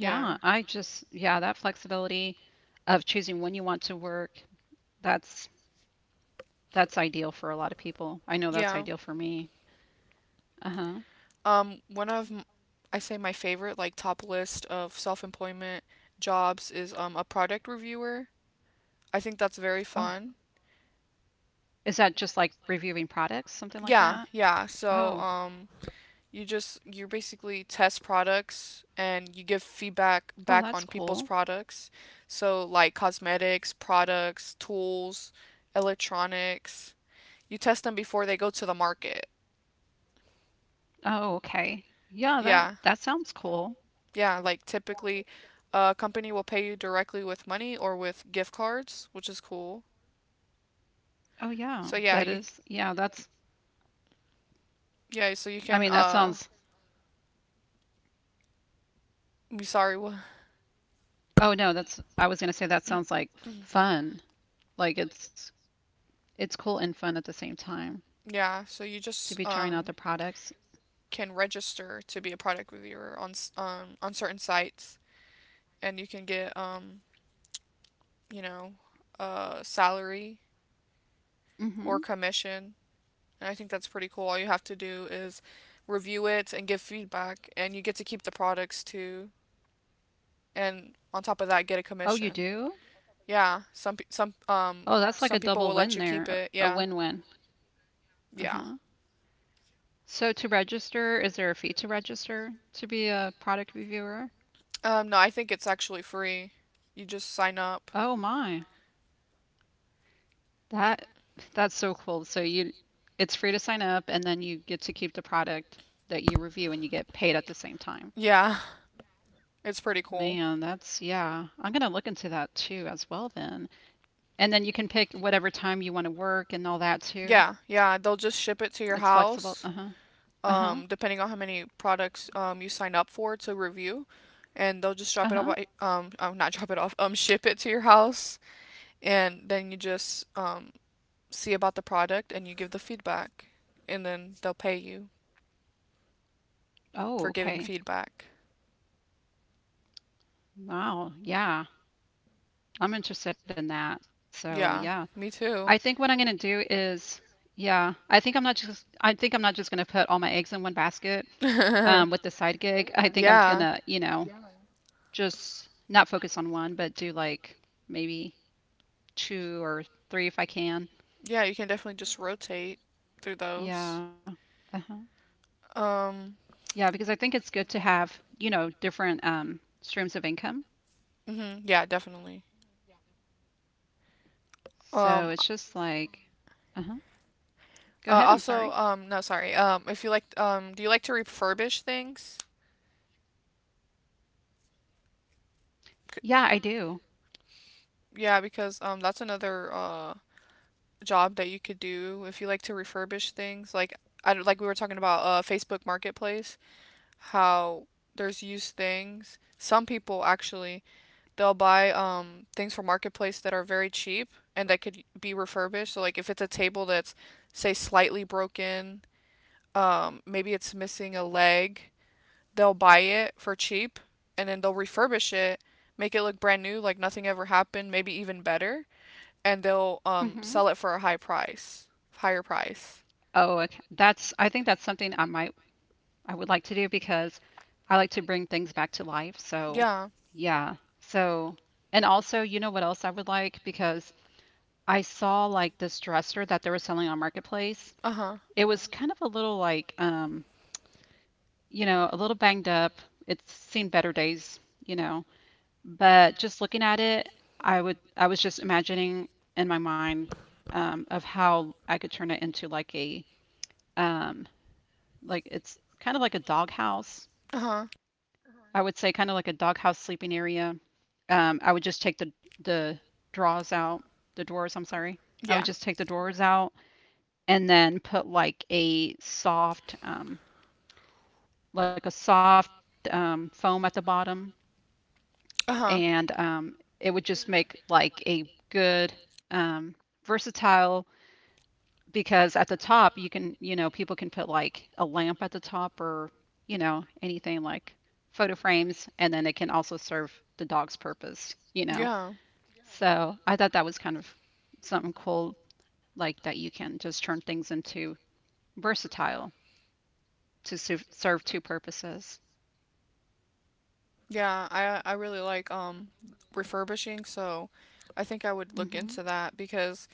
S1: Yeah,
S2: I just yeah, that flexibility of choosing when you want to work, that's that's ideal for a lot of people. I know that's
S1: yeah.
S2: ideal for me. Uh-huh.
S1: Um, one of m- I say my favorite like top list of self-employment jobs is a product reviewer. I think that's very
S2: Oh,
S1: fun.
S2: is that just like reviewing products, something like
S1: Yeah,
S2: that?
S1: yeah. So
S2: Oh.
S1: you basically test products and you give
S2: Oh,
S1: feedback
S2: that's
S1: back
S2: cool.
S1: on people's products. So like cosmetics, products, tools, electronics. You test them before they go to the market.
S2: Oh, okay. Yeah,
S1: Yeah.
S2: that sounds cool.
S1: Yeah, like typically a company will pay you directly with money or with gift cards, which is cool.
S2: Oh, yeah.
S1: So yeah,
S2: That
S1: you
S2: is. Yeah, that's
S1: yeah, so you
S2: I
S1: can
S2: mean, that sounds
S1: be sorry, what
S2: oh, no, that's I was gonna say that sounds like fun. Like it's cool and fun at the same time
S1: Yeah, so
S2: to
S1: you
S2: be trying
S1: just
S2: out the products.
S1: can register to be a product reviewer on on certain sites, and you can get you know a salary or
S2: Mm-hmm.
S1: commission, and I think that's pretty cool. All you have to do is review it and give feedback, and you get to keep the products too, and on top of that, get a
S2: Oh, you
S1: commission.
S2: do?
S1: Yeah, some pe-
S2: Oh, that's like a
S1: some people
S2: double
S1: will let
S2: win
S1: you
S2: there.
S1: keep it.
S2: A
S1: Yeah,
S2: win-win.
S1: yeah.
S2: Uh-huh. So to register, is there a fee to register to be a product reviewer?
S1: No, I think it's actually free. You just sign up.
S2: Oh my. That that's so cool. So you it's free to sign up and then you get to keep the product that you review and you get paid at the same time.
S1: Yeah. It's pretty cool.
S2: Man, that's yeah. I'm gonna look into that too as well then. And then you can pick whatever time you want to work and
S1: Stuff.
S2: all that too.
S1: Yeah, yeah, they'll just ship it to your
S2: It's flexible.
S1: house,
S2: Uh-huh. Uh-huh.
S1: depending on how many products you sign up for to review, and they'll just drop it off by
S2: Uh-huh.
S1: not <laughs> drop it off, ship it to your house, and then you just see about the product and you give the feedback, and then they'll pay you for giving
S2: Oh, okay.
S1: feedback.
S2: Wow. Yeah. I'm interested in that. So,
S1: Yeah,
S2: yeah.
S1: me too.
S2: I think what I'm gonna do is yeah, I think I'm not just gonna put all my eggs in one
S1: <laughs>
S2: basket.
S1: um,
S2: Um, with the side gig, I
S1: yeah,
S2: think I'm gonna, you know, just not focus on one, but do like maybe two or three if I
S1: Yeah,
S2: can.
S1: you can definitely just rotate through those.
S2: Yeah. Uh-huh.
S1: Um,
S2: Yeah, because I think it's good to have, you know, different streams of income.
S1: mhm, yeah, definitely. Um,
S2: So it's just like, uh-huh.
S1: also,
S2: Go ahead. I'm
S1: no,
S2: sorry.
S1: sorry. If you like, do you like to refurbish things? C-
S2: Yeah, I do.
S1: Yeah, because that's another job that you could do if you like to refurbish things. Like we were talking about Facebook Marketplace, how there's used things. Some people actually They'll buy things from marketplace that are very cheap and that could be refurbished. So like if it's a table that's say slightly broken, maybe it's missing a leg, they'll buy it for cheap and then they'll refurbish it, make it look brand new like nothing ever happened, maybe even better, and they'll sell
S2: Hmm.
S1: it for higher price.
S2: Oh, okay. That's, I think that's something I might, I would like to do because I like to bring things back to life. So,
S1: Yeah.
S2: yeah. So, and also, you know what else I would like? Because I saw like this dresser that they were selling on Marketplace.
S1: Uh-huh.
S2: It was kind of a little like, you know, a little banged up. It's seen better days, you know. But just looking at it, I was just imagining in my mind of how I could turn it into like a um, like it's kind of like a doghouse.
S1: Uh-huh.
S2: I would say kind of like a doghouse sleeping area. I would just take the drawers out, the drawers, I'm sorry. I would
S1: Yeah.
S2: just take the drawers out and then put like a soft foam at the bottom,
S1: Uh-huh.
S2: and it would just make like a good um, versatile because at the top you can, you know, people can put like a lamp at the top or you know anything like photo frames, and then it can also serve the dog's purpose, you know.
S1: Yeah.
S2: So I thought that was kind of something cool, like that you can just turn things into versatile to serve, two purposes.
S1: Yeah, I really like refurbishing, so I think I would look
S2: Hmm.
S1: into that because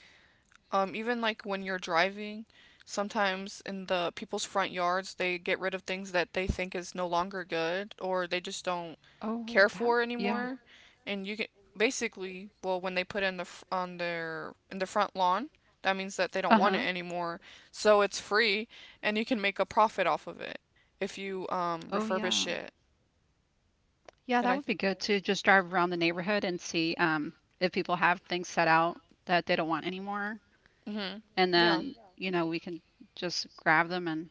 S1: even like when you're driving, sometimes in the people's front yards, they get rid of things that they think is no longer good or they just don't
S2: Oh,
S1: care
S2: that,
S1: for
S2: yeah.
S1: anymore, and you can basically, well, when they put it in the f- on their in the front lawn, that means that they don't want
S2: Uh-huh.
S1: it anymore. So it's free and you can make a profit off of it if you
S2: Oh,
S1: refurbish
S2: yeah.
S1: it.
S2: Yeah,
S1: And
S2: that
S1: I
S2: would be
S1: th
S2: good to just drive around the neighborhood and see if people have things set out that they don't want anymore.
S1: Mhm.
S2: And
S1: Yeah.
S2: then, you know, we can just grab them and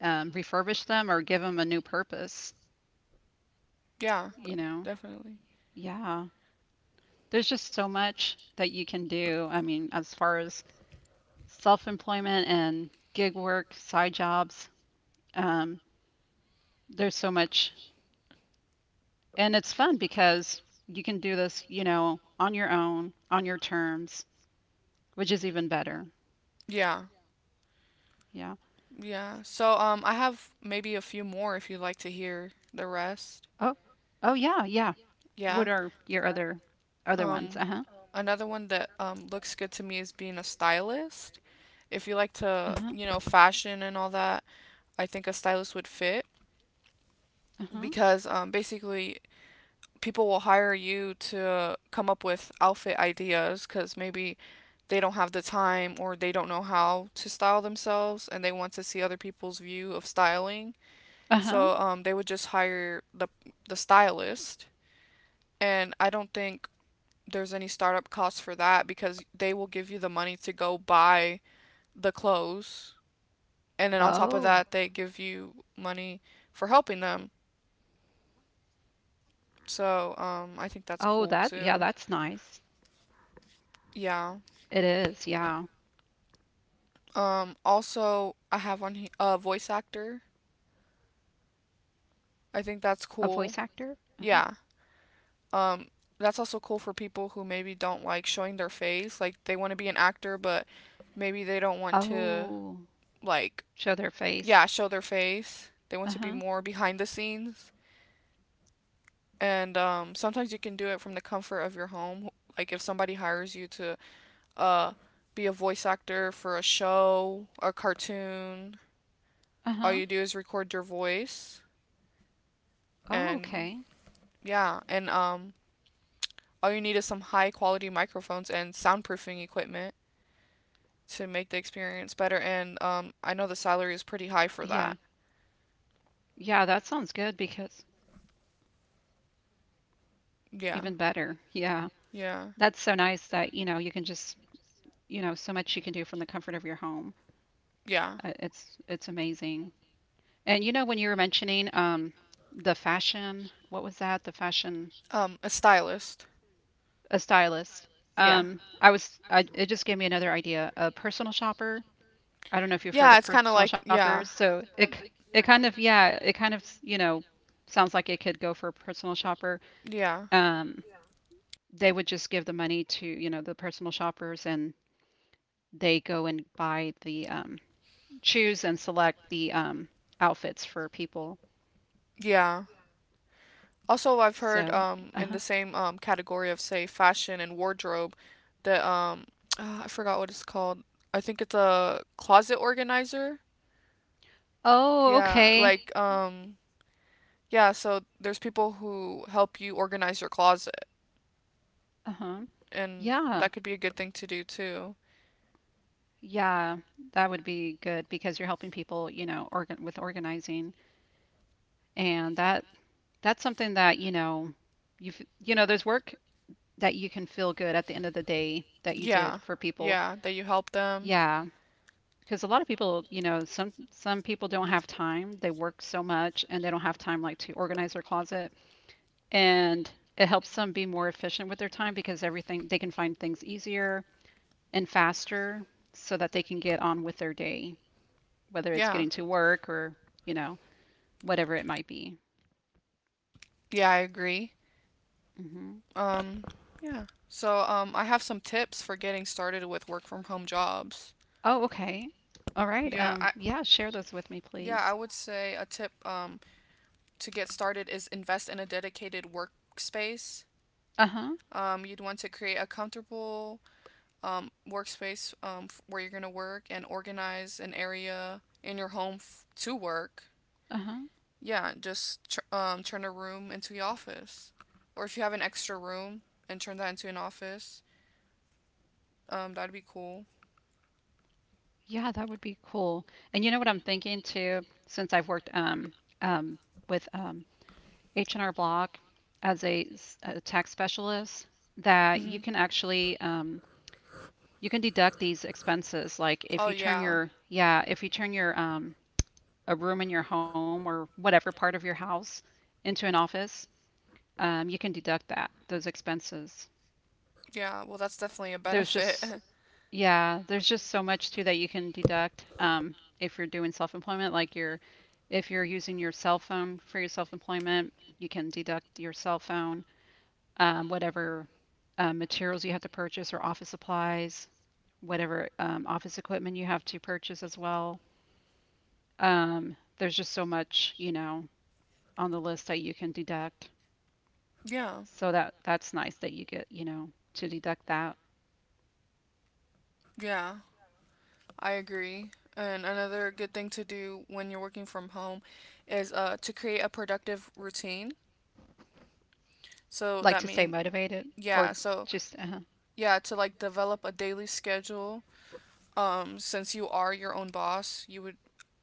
S2: refurbish them or give them a new purpose,
S1: Yeah,
S2: you know?
S1: definitely.
S2: Yeah. There's just so much that you can do. I mean, as far as self-employment and gig work, side jobs, um, there's so much and it's fun because you can do this, you know, on your own, on your terms, which is even better.
S1: Yeah.
S2: Yeah.
S1: Yeah. So I have maybe a few more if you'd like to hear the rest.
S2: Oh, oh yeah, yeah.
S1: Yeah.
S2: What are your other ones?
S1: Um
S2: Uh-huh.
S1: Another one that looks good to me is being a stylist. If you like to,
S2: Uh-huh.
S1: you know, fashion and all that, I think a stylist would fit
S2: Uh-huh.
S1: because basically people will hire you to come up with outfit ideas because maybe they don't have the time or they don't know how to style themselves and they want to see other people's view of styling. So
S2: Uh-huh.
S1: they would just hire the stylist. And I don't think there's any startup costs for that because they will give you the money to go buy the clothes. And then on top of that,
S2: Oh.
S1: they give you money for helping them. So
S2: Oh, that
S1: I think
S2: yeah,
S1: that's
S2: that's
S1: cool
S2: nice.
S1: too.
S2: It
S1: Yeah.
S2: is. Yeah.
S1: Also, I have on a voice actor. I think that's
S2: A voice
S1: cool.
S2: actor? Uh-huh.
S1: Yeah. Um, that's also cool for people who maybe don't like showing their face. Like they want to be an actor, but maybe they don't want to
S2: Oh,
S1: like
S2: show their
S1: yeah
S2: face.
S1: show their face. They want to be
S2: Uh-huh.
S1: more behind the scenes. And sometimes you can do it from the comfort of your home. Like if somebody hires you to uh be a voice actor for a show, a cartoon, all you
S2: Uh-huh.
S1: do is record your voice
S2: Oh,
S1: and
S2: okay.
S1: Yeah, and all you need is some high quality microphones and soundproofing equipment to make the experience better.
S2: Yeah.
S1: And I know the salary is pretty
S2: Yeah,
S1: high
S2: that
S1: for
S2: sounds
S1: that.
S2: good because even better. Yeah.
S1: Yeah,
S2: That's so nice that, you know,
S1: yeah,
S2: you can just you know, so much you can do from the comfort of your home. It's
S1: yeah.
S2: it's amazing. And you know, when you were mentioning the fashion, what was that? The fashion,
S1: A stylist.
S2: a stylist.
S1: Yeah.
S2: I, it just gave me another idea. A personal shopper. I don't know if
S1: Yeah,
S2: you've
S1: it's
S2: heard
S1: kind
S2: of
S1: of like
S2: personal
S1: yeah,
S2: shoppers. So it kind of, yeah, it kind of, sounds like it could go for a personal shopper.
S1: yeah,
S2: Um, they would just give the money to, the personal shoppers, and they go and buy the choose and select the outfits for people.
S1: yeah. Also, I've heard
S2: So,
S1: in
S2: uh-huh.
S1: the same category of say fashion and wardrobe that I forgot what it's called. I think it's a closet organizer.
S2: Oh,
S1: Yeah,
S2: okay.
S1: like Yeah, so there's people who help you organize your closet,
S2: Uh-huh.
S1: and
S2: Yeah.
S1: that could be a good thing to do too.
S2: Yeah, that would be good because you're helping people, you know, organizing, and that's something that, you know, you have, there's work that you can feel good at the end of the day that you
S1: Yeah,
S2: did for people.
S1: yeah, that you help them.
S2: Yeah, because a lot of people, you know, some people don't have time. They work so much and they don't have time like to organize their closet. And it helps them be more efficient with their time because everything, they can find things easier and faster, so that they can get on with their day, whether it's
S1: Yeah,
S2: getting to work or, you know, whatever it might be.
S1: yeah, I agree.
S2: Hmm.
S1: Um, I have some tips for getting started with work from home jobs.
S2: Oh, okay. All right.
S1: Yeah, I
S2: Yeah, share those with me,
S1: yeah,
S2: please.
S1: I would say a tip to get started is invest in a dedicated workspace.
S2: Uh-huh.
S1: You'd want to create a comfortable workspace where you're going to work and organize an area in your home to work.
S2: Uh-huh.
S1: Yeah, just turn a room into your office. Or if you have an extra room and turn that into an office, that'd be cool.
S2: Yeah, that would be cool. And you know what I'm thinking too, since I've worked um with H&R Block as a tax specialist, that
S1: hmm
S2: you can actually you can deduct these expenses, like if
S1: Oh, <laughs>
S2: you turn
S1: yeah.
S2: your, yeah, if you turn your a room in your home or whatever part of your house into an office, you can deduct that those expenses.
S1: Yeah, well, that's definitely a
S2: There's
S1: benefit.
S2: just Yeah, there's just so much too that you can deduct, if you're doing self-employment, like your if you're using your cell phone for your self-employment, you can deduct your cell phone, whatever materials you have to purchase, or office supplies, whatever office equipment you have to purchase as well. There's just so much, you know, on the list that you can deduct.
S1: <laughs> yeah,
S2: So that's nice that you get, you know, to deduct that.
S1: yeah. I agree. And another good thing to do when you're working from home is to create a productive routine. So
S2: Like
S1: that
S2: to stay
S1: means,
S2: motivated, or
S1: yeah, so
S2: just uh-huh.
S1: yeah, to like develop a daily schedule. Since you are your own boss,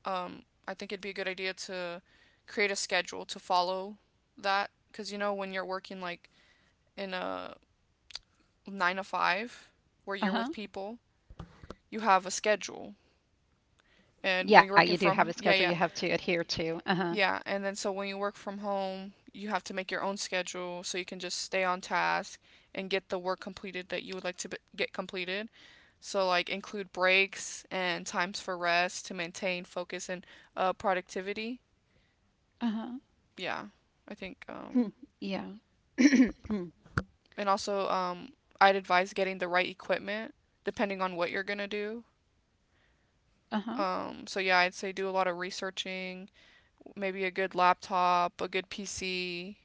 S1: um, I think it'd be a good idea to create a schedule to follow that. Because you know, when you're working like in a nine to five where you're with
S2: Uh-huh.
S1: people, you have a schedule. And
S2: Yeah,
S1: when
S2: you
S1: you're
S2: do
S1: working
S2: have a
S1: from,
S2: schedule you
S1: yeah,
S2: have
S1: yeah.
S2: to adhere to. Uh-huh.
S1: Yeah, and then so when you work from home, you have to make your own schedule so you can just stay on task and get the work completed that you would like to get completed. So, like, include breaks and times for rest to maintain focus and productivity.
S2: Uh-huh.
S1: Yeah, I think.
S2: Hmm.
S1: Um,
S2: Yeah. <clears throat> Hmm.
S1: and also, I'd advise getting the right equipment depending on what you're gonna do.
S2: Uh-huh.
S1: I'd say do a lot of researching, maybe a good laptop, a good PC.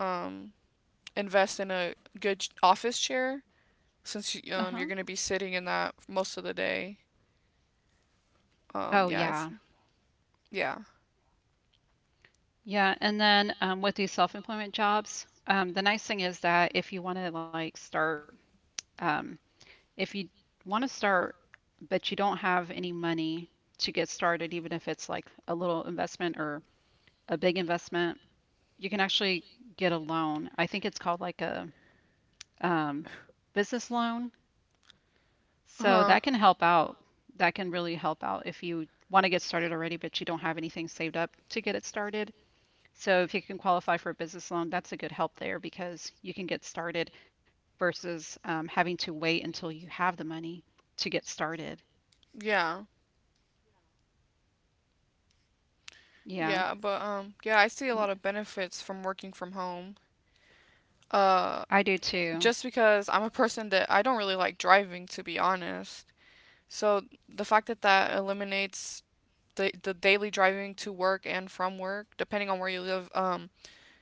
S1: Um, Invest in a good office chair since you're
S2: Uh-huh.
S1: gonna be sitting in that most of the day.
S2: Oh
S1: Yeah, it's
S2: yeah.
S1: yeah,
S2: Yeah, and then with these self-employment jobs, the nice thing is that if you want to like start, um, if you want to start, but you don't have any money to get started, even if it's like a little investment or a big investment, you can actually get a loan. I think it's called like a um, business loan. So
S1: huh,
S2: that can help out. That can really help out if you want to get started already, but you don't have anything saved up to get it started. So if you can qualify for a business loan, that's a good help there, because you can get started versus having to wait until you have the money to get started.
S1: yeah,
S2: Yeah.
S1: yeah. But yeah, I see a lot of benefits from working from home. Uh,
S2: I do too.
S1: just because I'm a person that I don't really like driving, to be honest. So the fact that that eliminates the daily driving to work and from work, depending on where you live,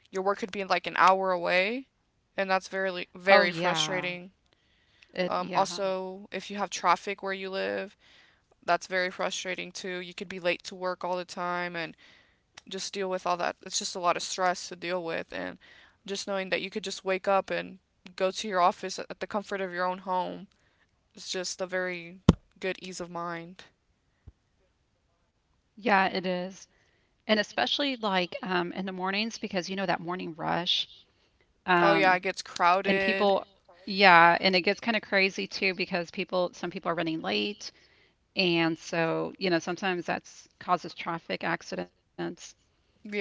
S1: your work could be like an hour away, and that's very
S2: Oh yeah.
S1: frustrating.
S2: It yeah.
S1: Also, if you have traffic where you live, that's very frustrating too. You could be late to work all the time and just deal with all that. It's just a lot of stress to deal with. And just knowing that you could just wake up and go to your office at the comfort of your own home is just a very good ease of mind.
S2: Yeah, it is. And especially like in the mornings, because you know that morning rush.
S1: Oh, yeah,
S2: Um
S1: it gets
S2: and
S1: crowded.
S2: people Yeah, and it gets kind of crazy too, because people some people are running late, and so, you know, sometimes that's causes traffic accidents.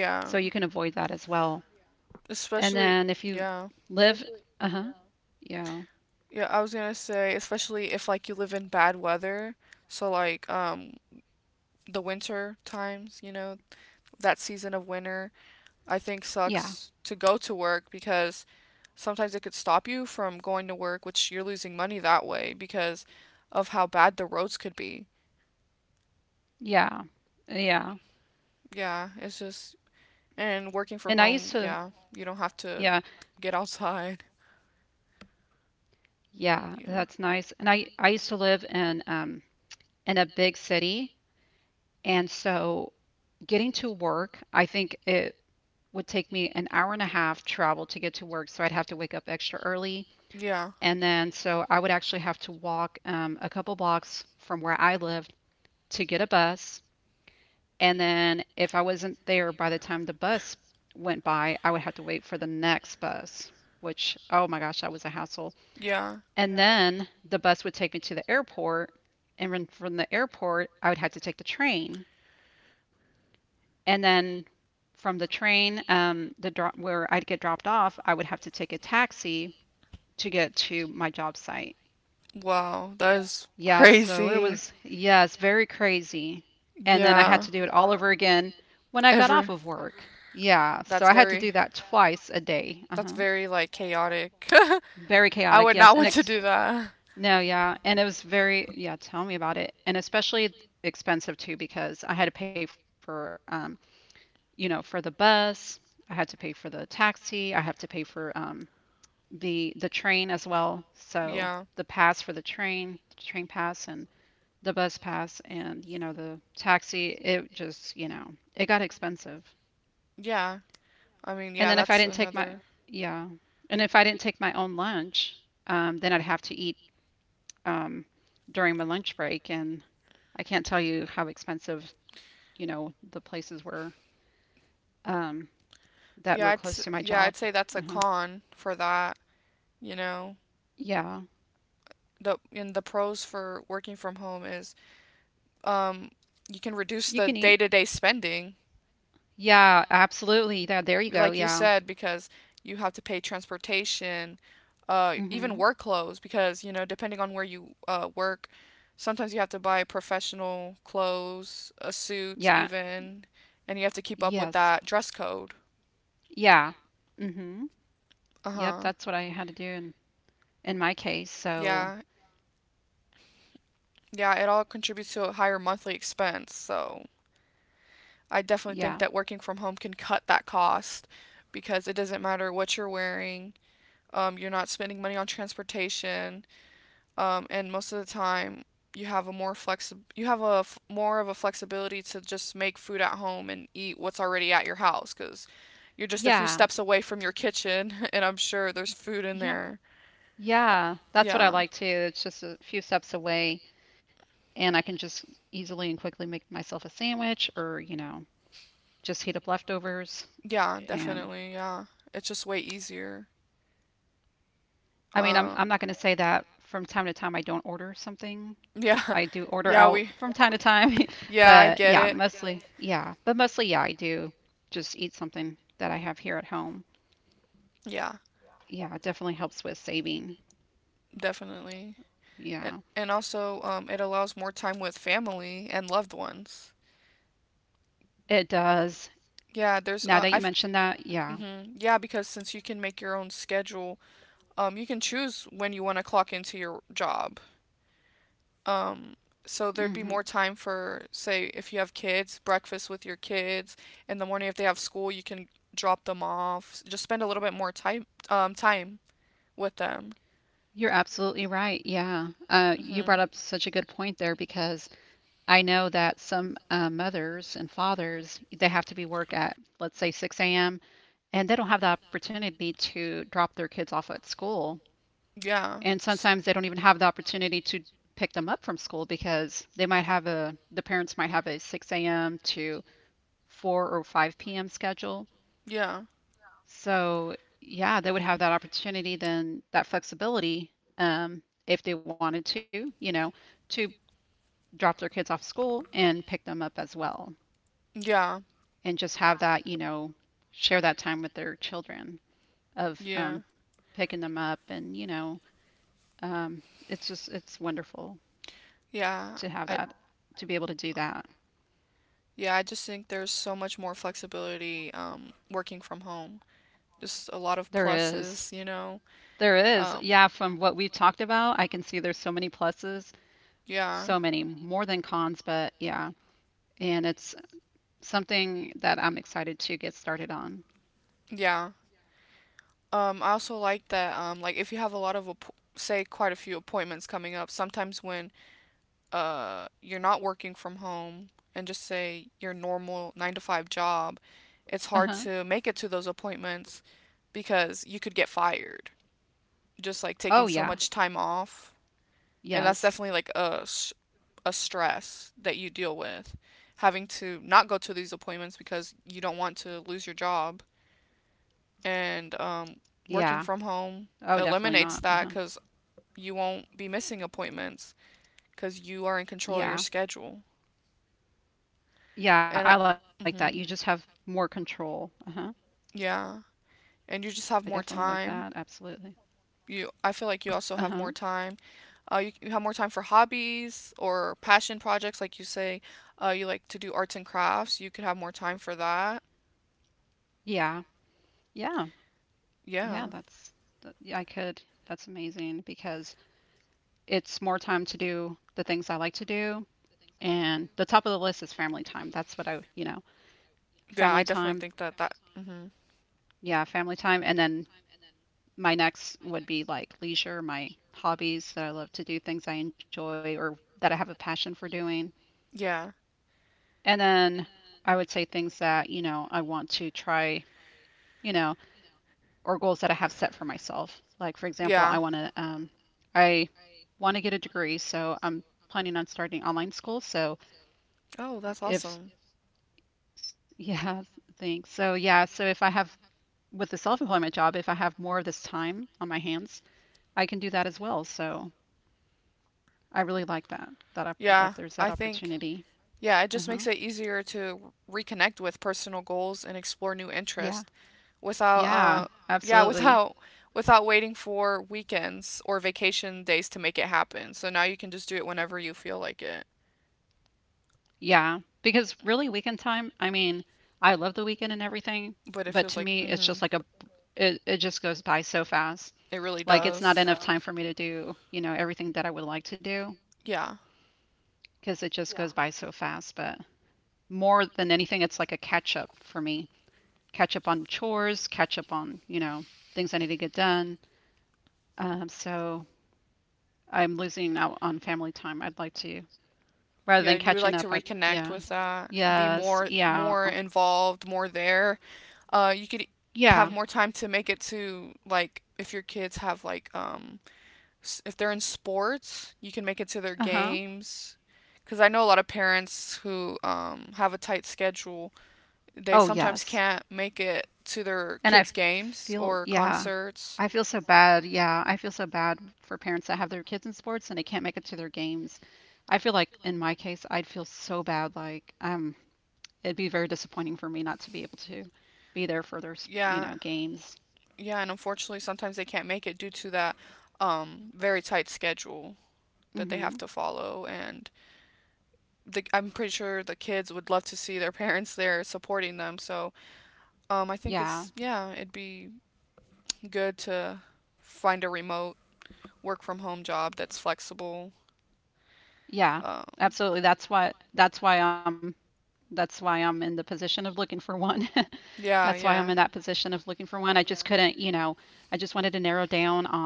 S2: So you can avoid that as well. And
S1: especially,
S2: then if you
S1: yeah.
S2: live, uh-huh. Yeah.
S1: Yeah, I was gonna say, especially if like you live in bad weather. So, like, the winter times, you know, that season of winter, I think
S2: Yeah.
S1: sucks to go to work because sometimes it could stop you from going to work, which you're losing money that way because of how bad the roads could be.
S2: Yeah. Yeah.
S1: Yeah, it's just and working from
S2: And I
S1: home,
S2: used
S1: yeah,
S2: to,
S1: you don't have to
S2: yeah,
S1: get outside.
S2: yeah, that's
S1: Yeah.
S2: nice. And I used to live in a big city, and so getting to work, I think it would take me an hour and a half travel to get to work, so I'd have to wake up extra early,
S1: Yeah.
S2: and then so I would actually have to walk, a couple blocks from where I lived to get a bus, and then if I wasn't there by the time the bus went by, I would have to wait for the next bus, which, oh my gosh, that was a hassle.
S1: Yeah.
S2: And then the bus would take me to the airport. And then from the airport, I would have to take the train. And then from the train, the drop where I'd get dropped off, I would have to take a taxi to get to my job site.
S1: Wow, that is
S2: Yeah, so it
S1: crazy.
S2: was, yes, very crazy.
S1: It was, I
S2: And then I had
S1: Yeah.
S2: to do it
S1: I
S2: all over again when I got off
S1: Ever
S2: of work. Yeah, so
S1: that's
S2: I had to
S1: very
S2: do that twice a day.
S1: That's
S2: Uh-huh.
S1: very like chaotic.
S2: Very
S1: <laughs> I
S2: chaotic,
S1: would
S2: yes.
S1: not
S2: And
S1: want to
S2: ex
S1: do that.
S2: no, yeah. And it was very, yeah, tell me about it. And especially expensive too, because I had to pay for, you know, for the bus, I had to pay for the taxi, I have to pay for the train as well. So
S1: Yeah.
S2: the pass for the train pass, and the bus pass, and you know the taxi, it just, you know, it got expensive.
S1: Yeah. I mean,
S2: And
S1: yeah,
S2: then if I
S1: that's
S2: didn't take my
S1: another.
S2: yeah, and if I didn't take my own lunch, then I'd have to eat um, during my lunch break, and I can't tell you how expensive, you know, the places were um, that
S1: Yeah,
S2: were
S1: it's.
S2: close to my
S1: Yeah, I'd
S2: job.
S1: say that's a
S2: Uh-huh.
S1: con for that, you know.
S2: Yeah,
S1: The and the pros for working from home is um you can reduce
S2: you
S1: the
S2: can eat.
S1: day-to-day spending
S2: Yeah, absolutely. Yeah, there you
S1: they
S2: go.
S1: like you cannot.
S2: Yeah.
S1: Said, because you have to pay transportation, even
S2: Mhm.
S1: work clothes, because you know, depending on where you work, sometimes you have to buy professional clothes, a suit,
S2: Yeah.
S1: even, and you have to keep up with
S2: Yes.
S1: that dress code.
S2: Yeah. Mhm.
S1: Uh
S2: Yep.
S1: huh.
S2: That's
S1: in
S2: what I had to do in my case. So
S1: Yeah, yeah, it all contributes to a higher monthly expense. So I definitely think
S2: yeah.
S1: that working from home can cut that cost because it doesn't matter what you're wearing. You're not spending money on transportation, and most of the time you have a more flexi- you have a f- more of a flexibility to just make food at home and eat what's already at your house because you're just a few
S2: Yeah.
S1: steps away from your kitchen <laughs> and I'm sure there's food in
S2: Yeah.
S1: there.
S2: Yeah, that's what I
S1: yeah
S2: like too. It's just a few steps away, and I can just easily and quickly make myself a sandwich, or, you know, just heat up leftovers.
S1: yeah
S2: And
S1: Definitely. Yeah it's just way easier.
S2: I mean, I'm
S1: Uh,
S2: I'm not going to say that from time to time I don't order something.
S1: yeah
S2: I do
S1: <laughs>
S2: order
S1: yeah
S2: out
S1: we
S2: from time to time, <laughs>
S1: yeah I
S2: but
S1: get <laughs>
S2: yeah, yeah,
S1: it
S2: mostly, yeah, but mostly, yeah, I do just eat something that I have here at home.
S1: yeah
S2: Yeah, it definitely helps with saving.
S1: Definitely. And,
S2: Yeah,
S1: also, it allows more time with family and loved ones.
S2: it does.
S1: Yeah, there's
S2: Now that you
S1: I've
S2: mentioned that, yeah.
S1: hmm Yeah, because since you can make your own schedule, you can choose when you want to clock into your job. Um, so there'd be more
S2: Hmm.
S1: time for, say, if you have kids, breakfast with your kids. In the morning, if they have school, you can drop them off. Just spend a little bit more time, with them.
S2: You're absolutely right. Yeah. You brought
S1: Hmm
S2: up such a good point there, because I know that some, mothers and fathers, they have to be work at, let's say, 6 a.m., and they don't have the opportunity to drop their kids off at school,
S1: Yeah.
S2: and sometimes they don't even have the opportunity to pick them up from school, because they might have a the parents might have a 6 a.m. to 4 or 5 p.m. schedule.
S1: Yeah.
S2: So yeah, they would have that opportunity then, that flexibility, um, if they wanted to, you know, to drop their kids off school and pick them up as well.
S1: Yeah.
S2: And just have that, you know, share that time with their children of,
S1: Yeah.
S2: picking them up, and you know, it's just it's wonderful
S1: Yeah.
S2: to have
S1: I
S2: that, to be able to do that.
S1: yeah, I just think there's so much more flexibility working from home. Just a lot of
S2: There is.
S1: pluses, you know.
S2: There is.
S1: Um
S2: Yeah, from what we've talked about, I can see there's so many pluses,
S1: yeah.
S2: so many more than cons, but yeah. And it's something that I'm excited to get started on.
S1: Yeah. I also like that if you have a lot of app- say quite a few appointments coming up, sometimes when you're not working from home and just say your normal 9 to 5 job, it's hard
S2: Uh-huh.
S1: to make it to those appointments because you could get fired. Just like taking
S2: Oh
S1: so
S2: yeah.
S1: much time off, and that's
S2: Yes.
S1: definitely like a stress that you deal with, having to not go to these appointments because you don't want to lose your job, and
S2: Yeah.
S1: working from
S2: Oh,
S1: home
S2: definitely not. Uh-huh.
S1: eliminates that because you won't be missing appointments because you are in control of your
S2: Yeah.
S1: schedule,
S2: Yeah, I
S1: and I,
S2: like that. You just
S1: hmm
S2: have more control. Uh-huh.
S1: yeah, and you
S2: I
S1: just have
S2: definitely
S1: more
S2: like that.
S1: time.
S2: Absolutely.
S1: I feel like you also
S2: Uh-huh.
S1: have more time. You have more time for hobbies or passion projects, like you say. You like to do arts and crafts. You could have more time for that.
S2: Yeah. Yeah. Yeah,
S1: Yeah.
S2: that's that, yeah, I could. That's amazing, because it's more time to do the things I like to do. And the top of the list is family time. That's what I, you know,
S1: Yeah, I
S2: family
S1: definitely think
S2: time.
S1: that that. Hmm
S2: Yeah, family time. And then my next would be like leisure, my hobbies that I love to do, things I enjoy or that I have a passion for doing.
S1: Yeah.
S2: And then I would say things that, you know, I want to try, you know, or goals that I have set for myself. Like for example,
S1: Yeah.
S2: I want to, I want to get a degree, so I'm planning on starting online school. So
S1: Oh, that's awesome.
S2: if <laughs> yeah, thanks. So yeah, so if I have, with the self-employment job, if I have more of this time on my hands, I can do that as well. So I really like that,
S1: Yeah,
S2: that
S1: I
S2: there's that
S1: think.
S2: opportunity.
S1: Yeah, it just makes it
S2: Uh-huh.
S1: easier to reconnect with personal goals and explore new interests
S2: Yeah.
S1: without
S2: Yeah,
S1: yeah, without
S2: absolutely.
S1: without waiting for weekends or vacation days to make it happen. So now you can just do it whenever you feel like it.
S2: Yeah, because really weekend time, I mean, I love the weekend and everything,
S1: But it feels
S2: but
S1: like
S2: to me it's
S1: mhm.
S2: just like a, it just goes by so fast.
S1: It really
S2: Like it's
S1: does.
S2: not enough, yeah, time for me to do, you know, everything that I would like to do
S1: Yeah.
S2: because it just, yeah, goes by so fast. But more than anything, it's like a catch up for me. Catch up on chores, catch up on, you know, things I need to get done. So I'm losing out on family time. I'd like to, rather
S1: Yeah,
S2: than
S1: you would
S2: catching
S1: like
S2: up,
S1: to
S2: I'd,
S1: reconnect
S2: yeah.
S1: with that, be
S2: Yes,
S1: more
S2: yeah,
S1: more involved, more there. Uh, you could
S2: yeah.
S1: have more time to make it to like if your kids have like if they're in sports, you can make it to their
S2: Uh-huh.
S1: games. Because I know a lot of parents who have a tight schedule, they
S2: Oh,
S1: sometimes
S2: yes.
S1: can't make it to their
S2: And I
S1: kids'
S2: feel,
S1: games or
S2: yeah, I feel
S1: concerts.
S2: so bad. Yeah, I feel so bad for parents that have their kids in sports and they can't make it to their games. I feel like in my case, I'd feel so bad. Like, it'd be very disappointing for me not to be able to be there for their, you
S1: Yeah,
S2: know, games.
S1: yeah, and unfortunately, sometimes they can't make it due to that very tight schedule that they have
S2: Hmm.
S1: to follow. I'm pretty sure the kids would love to see their <laughs> parents there supporting them. So I think
S2: Yeah.
S1: it's, yeah, it'd be good to find a remote work from home job that's flexible.
S2: Yeah.
S1: Um,
S2: Absolutely. That's why I'm in the position of looking for one. <laughs> That's why I'm in
S1: yeah,
S2: that
S1: yeah,
S2: position of looking for one. I just, yeah, couldn't, you know, I just wanted to narrow down on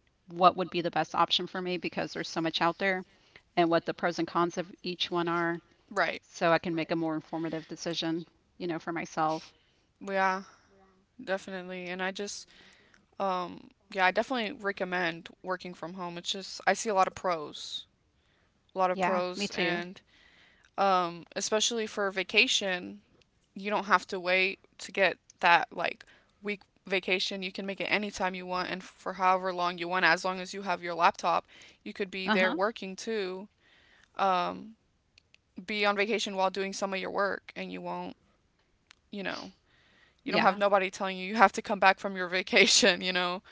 S2: what would be the best option for me, because there's so much out there, and what the pros and cons of each one are,
S1: right.
S2: so I can make a more informative decision, you know, for myself.
S1: Yeah, definitely. Yeah, I definitely recommend working from home. It's just, I see a lot of pros, a lot of
S2: Yeah, me
S1: pros,
S2: too.
S1: and especially for vacation, you don't have to wait to get that like week vacation. You can make it anytime you want and for however long you want, as long as you have your laptop. You could be there
S2: Uh-huh.
S1: working too. Um, be on vacation while doing some of your work, and you won't, you know, you don't have
S2: Yeah.
S1: nobody telling you you have to come back from your <laughs> vacation, you know,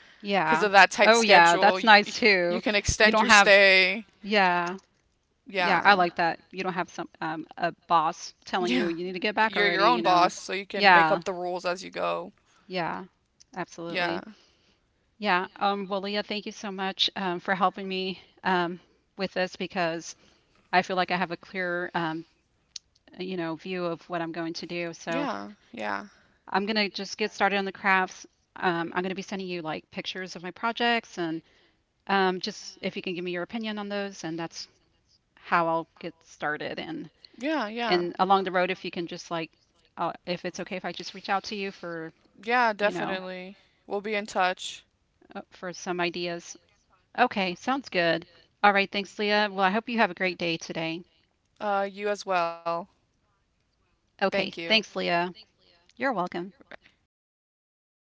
S1: because
S2: Yeah.
S1: of that tight
S2: Oh yeah,
S1: schedule.
S2: that's nice too.
S1: You can
S2: You
S1: extend
S2: don't
S1: your
S2: have,
S1: stay.
S2: yeah. Yeah,
S1: Yeah.
S2: I
S1: And,
S2: like that. You don't have some, a boss telling you
S1: yeah.
S2: you need to get back
S1: You're your
S2: already, you
S1: own
S2: know.
S1: boss, so you can make
S2: Yeah.
S1: up the rules as you go.
S2: Yeah.
S1: Yeah.
S2: Absolutely. Yeah. Well, Leah, thank you so much, for helping me, um, with this, because I feel like I have a clear, you know, view of what I'm going to do. So
S1: Yeah, yeah,
S2: I'm going to just get started on the crafts. I'm going to be sending you like pictures of my projects, and just if you can give me your opinion on those, and that's how I'll get started. And
S1: yeah, yeah,
S2: along the road, if you can just like, if it's okay if I just reach out to you for,
S1: yeah,
S2: you know,
S1: definitely. We'll be in touch.
S2: for some ideas. Okay, sounds good. All right, thanks, Leah. Well, I hope you have a great day today.
S1: You as well. Thank
S2: Okay,
S1: you.
S2: thanks, Leah. You're welcome.
S1: Bye.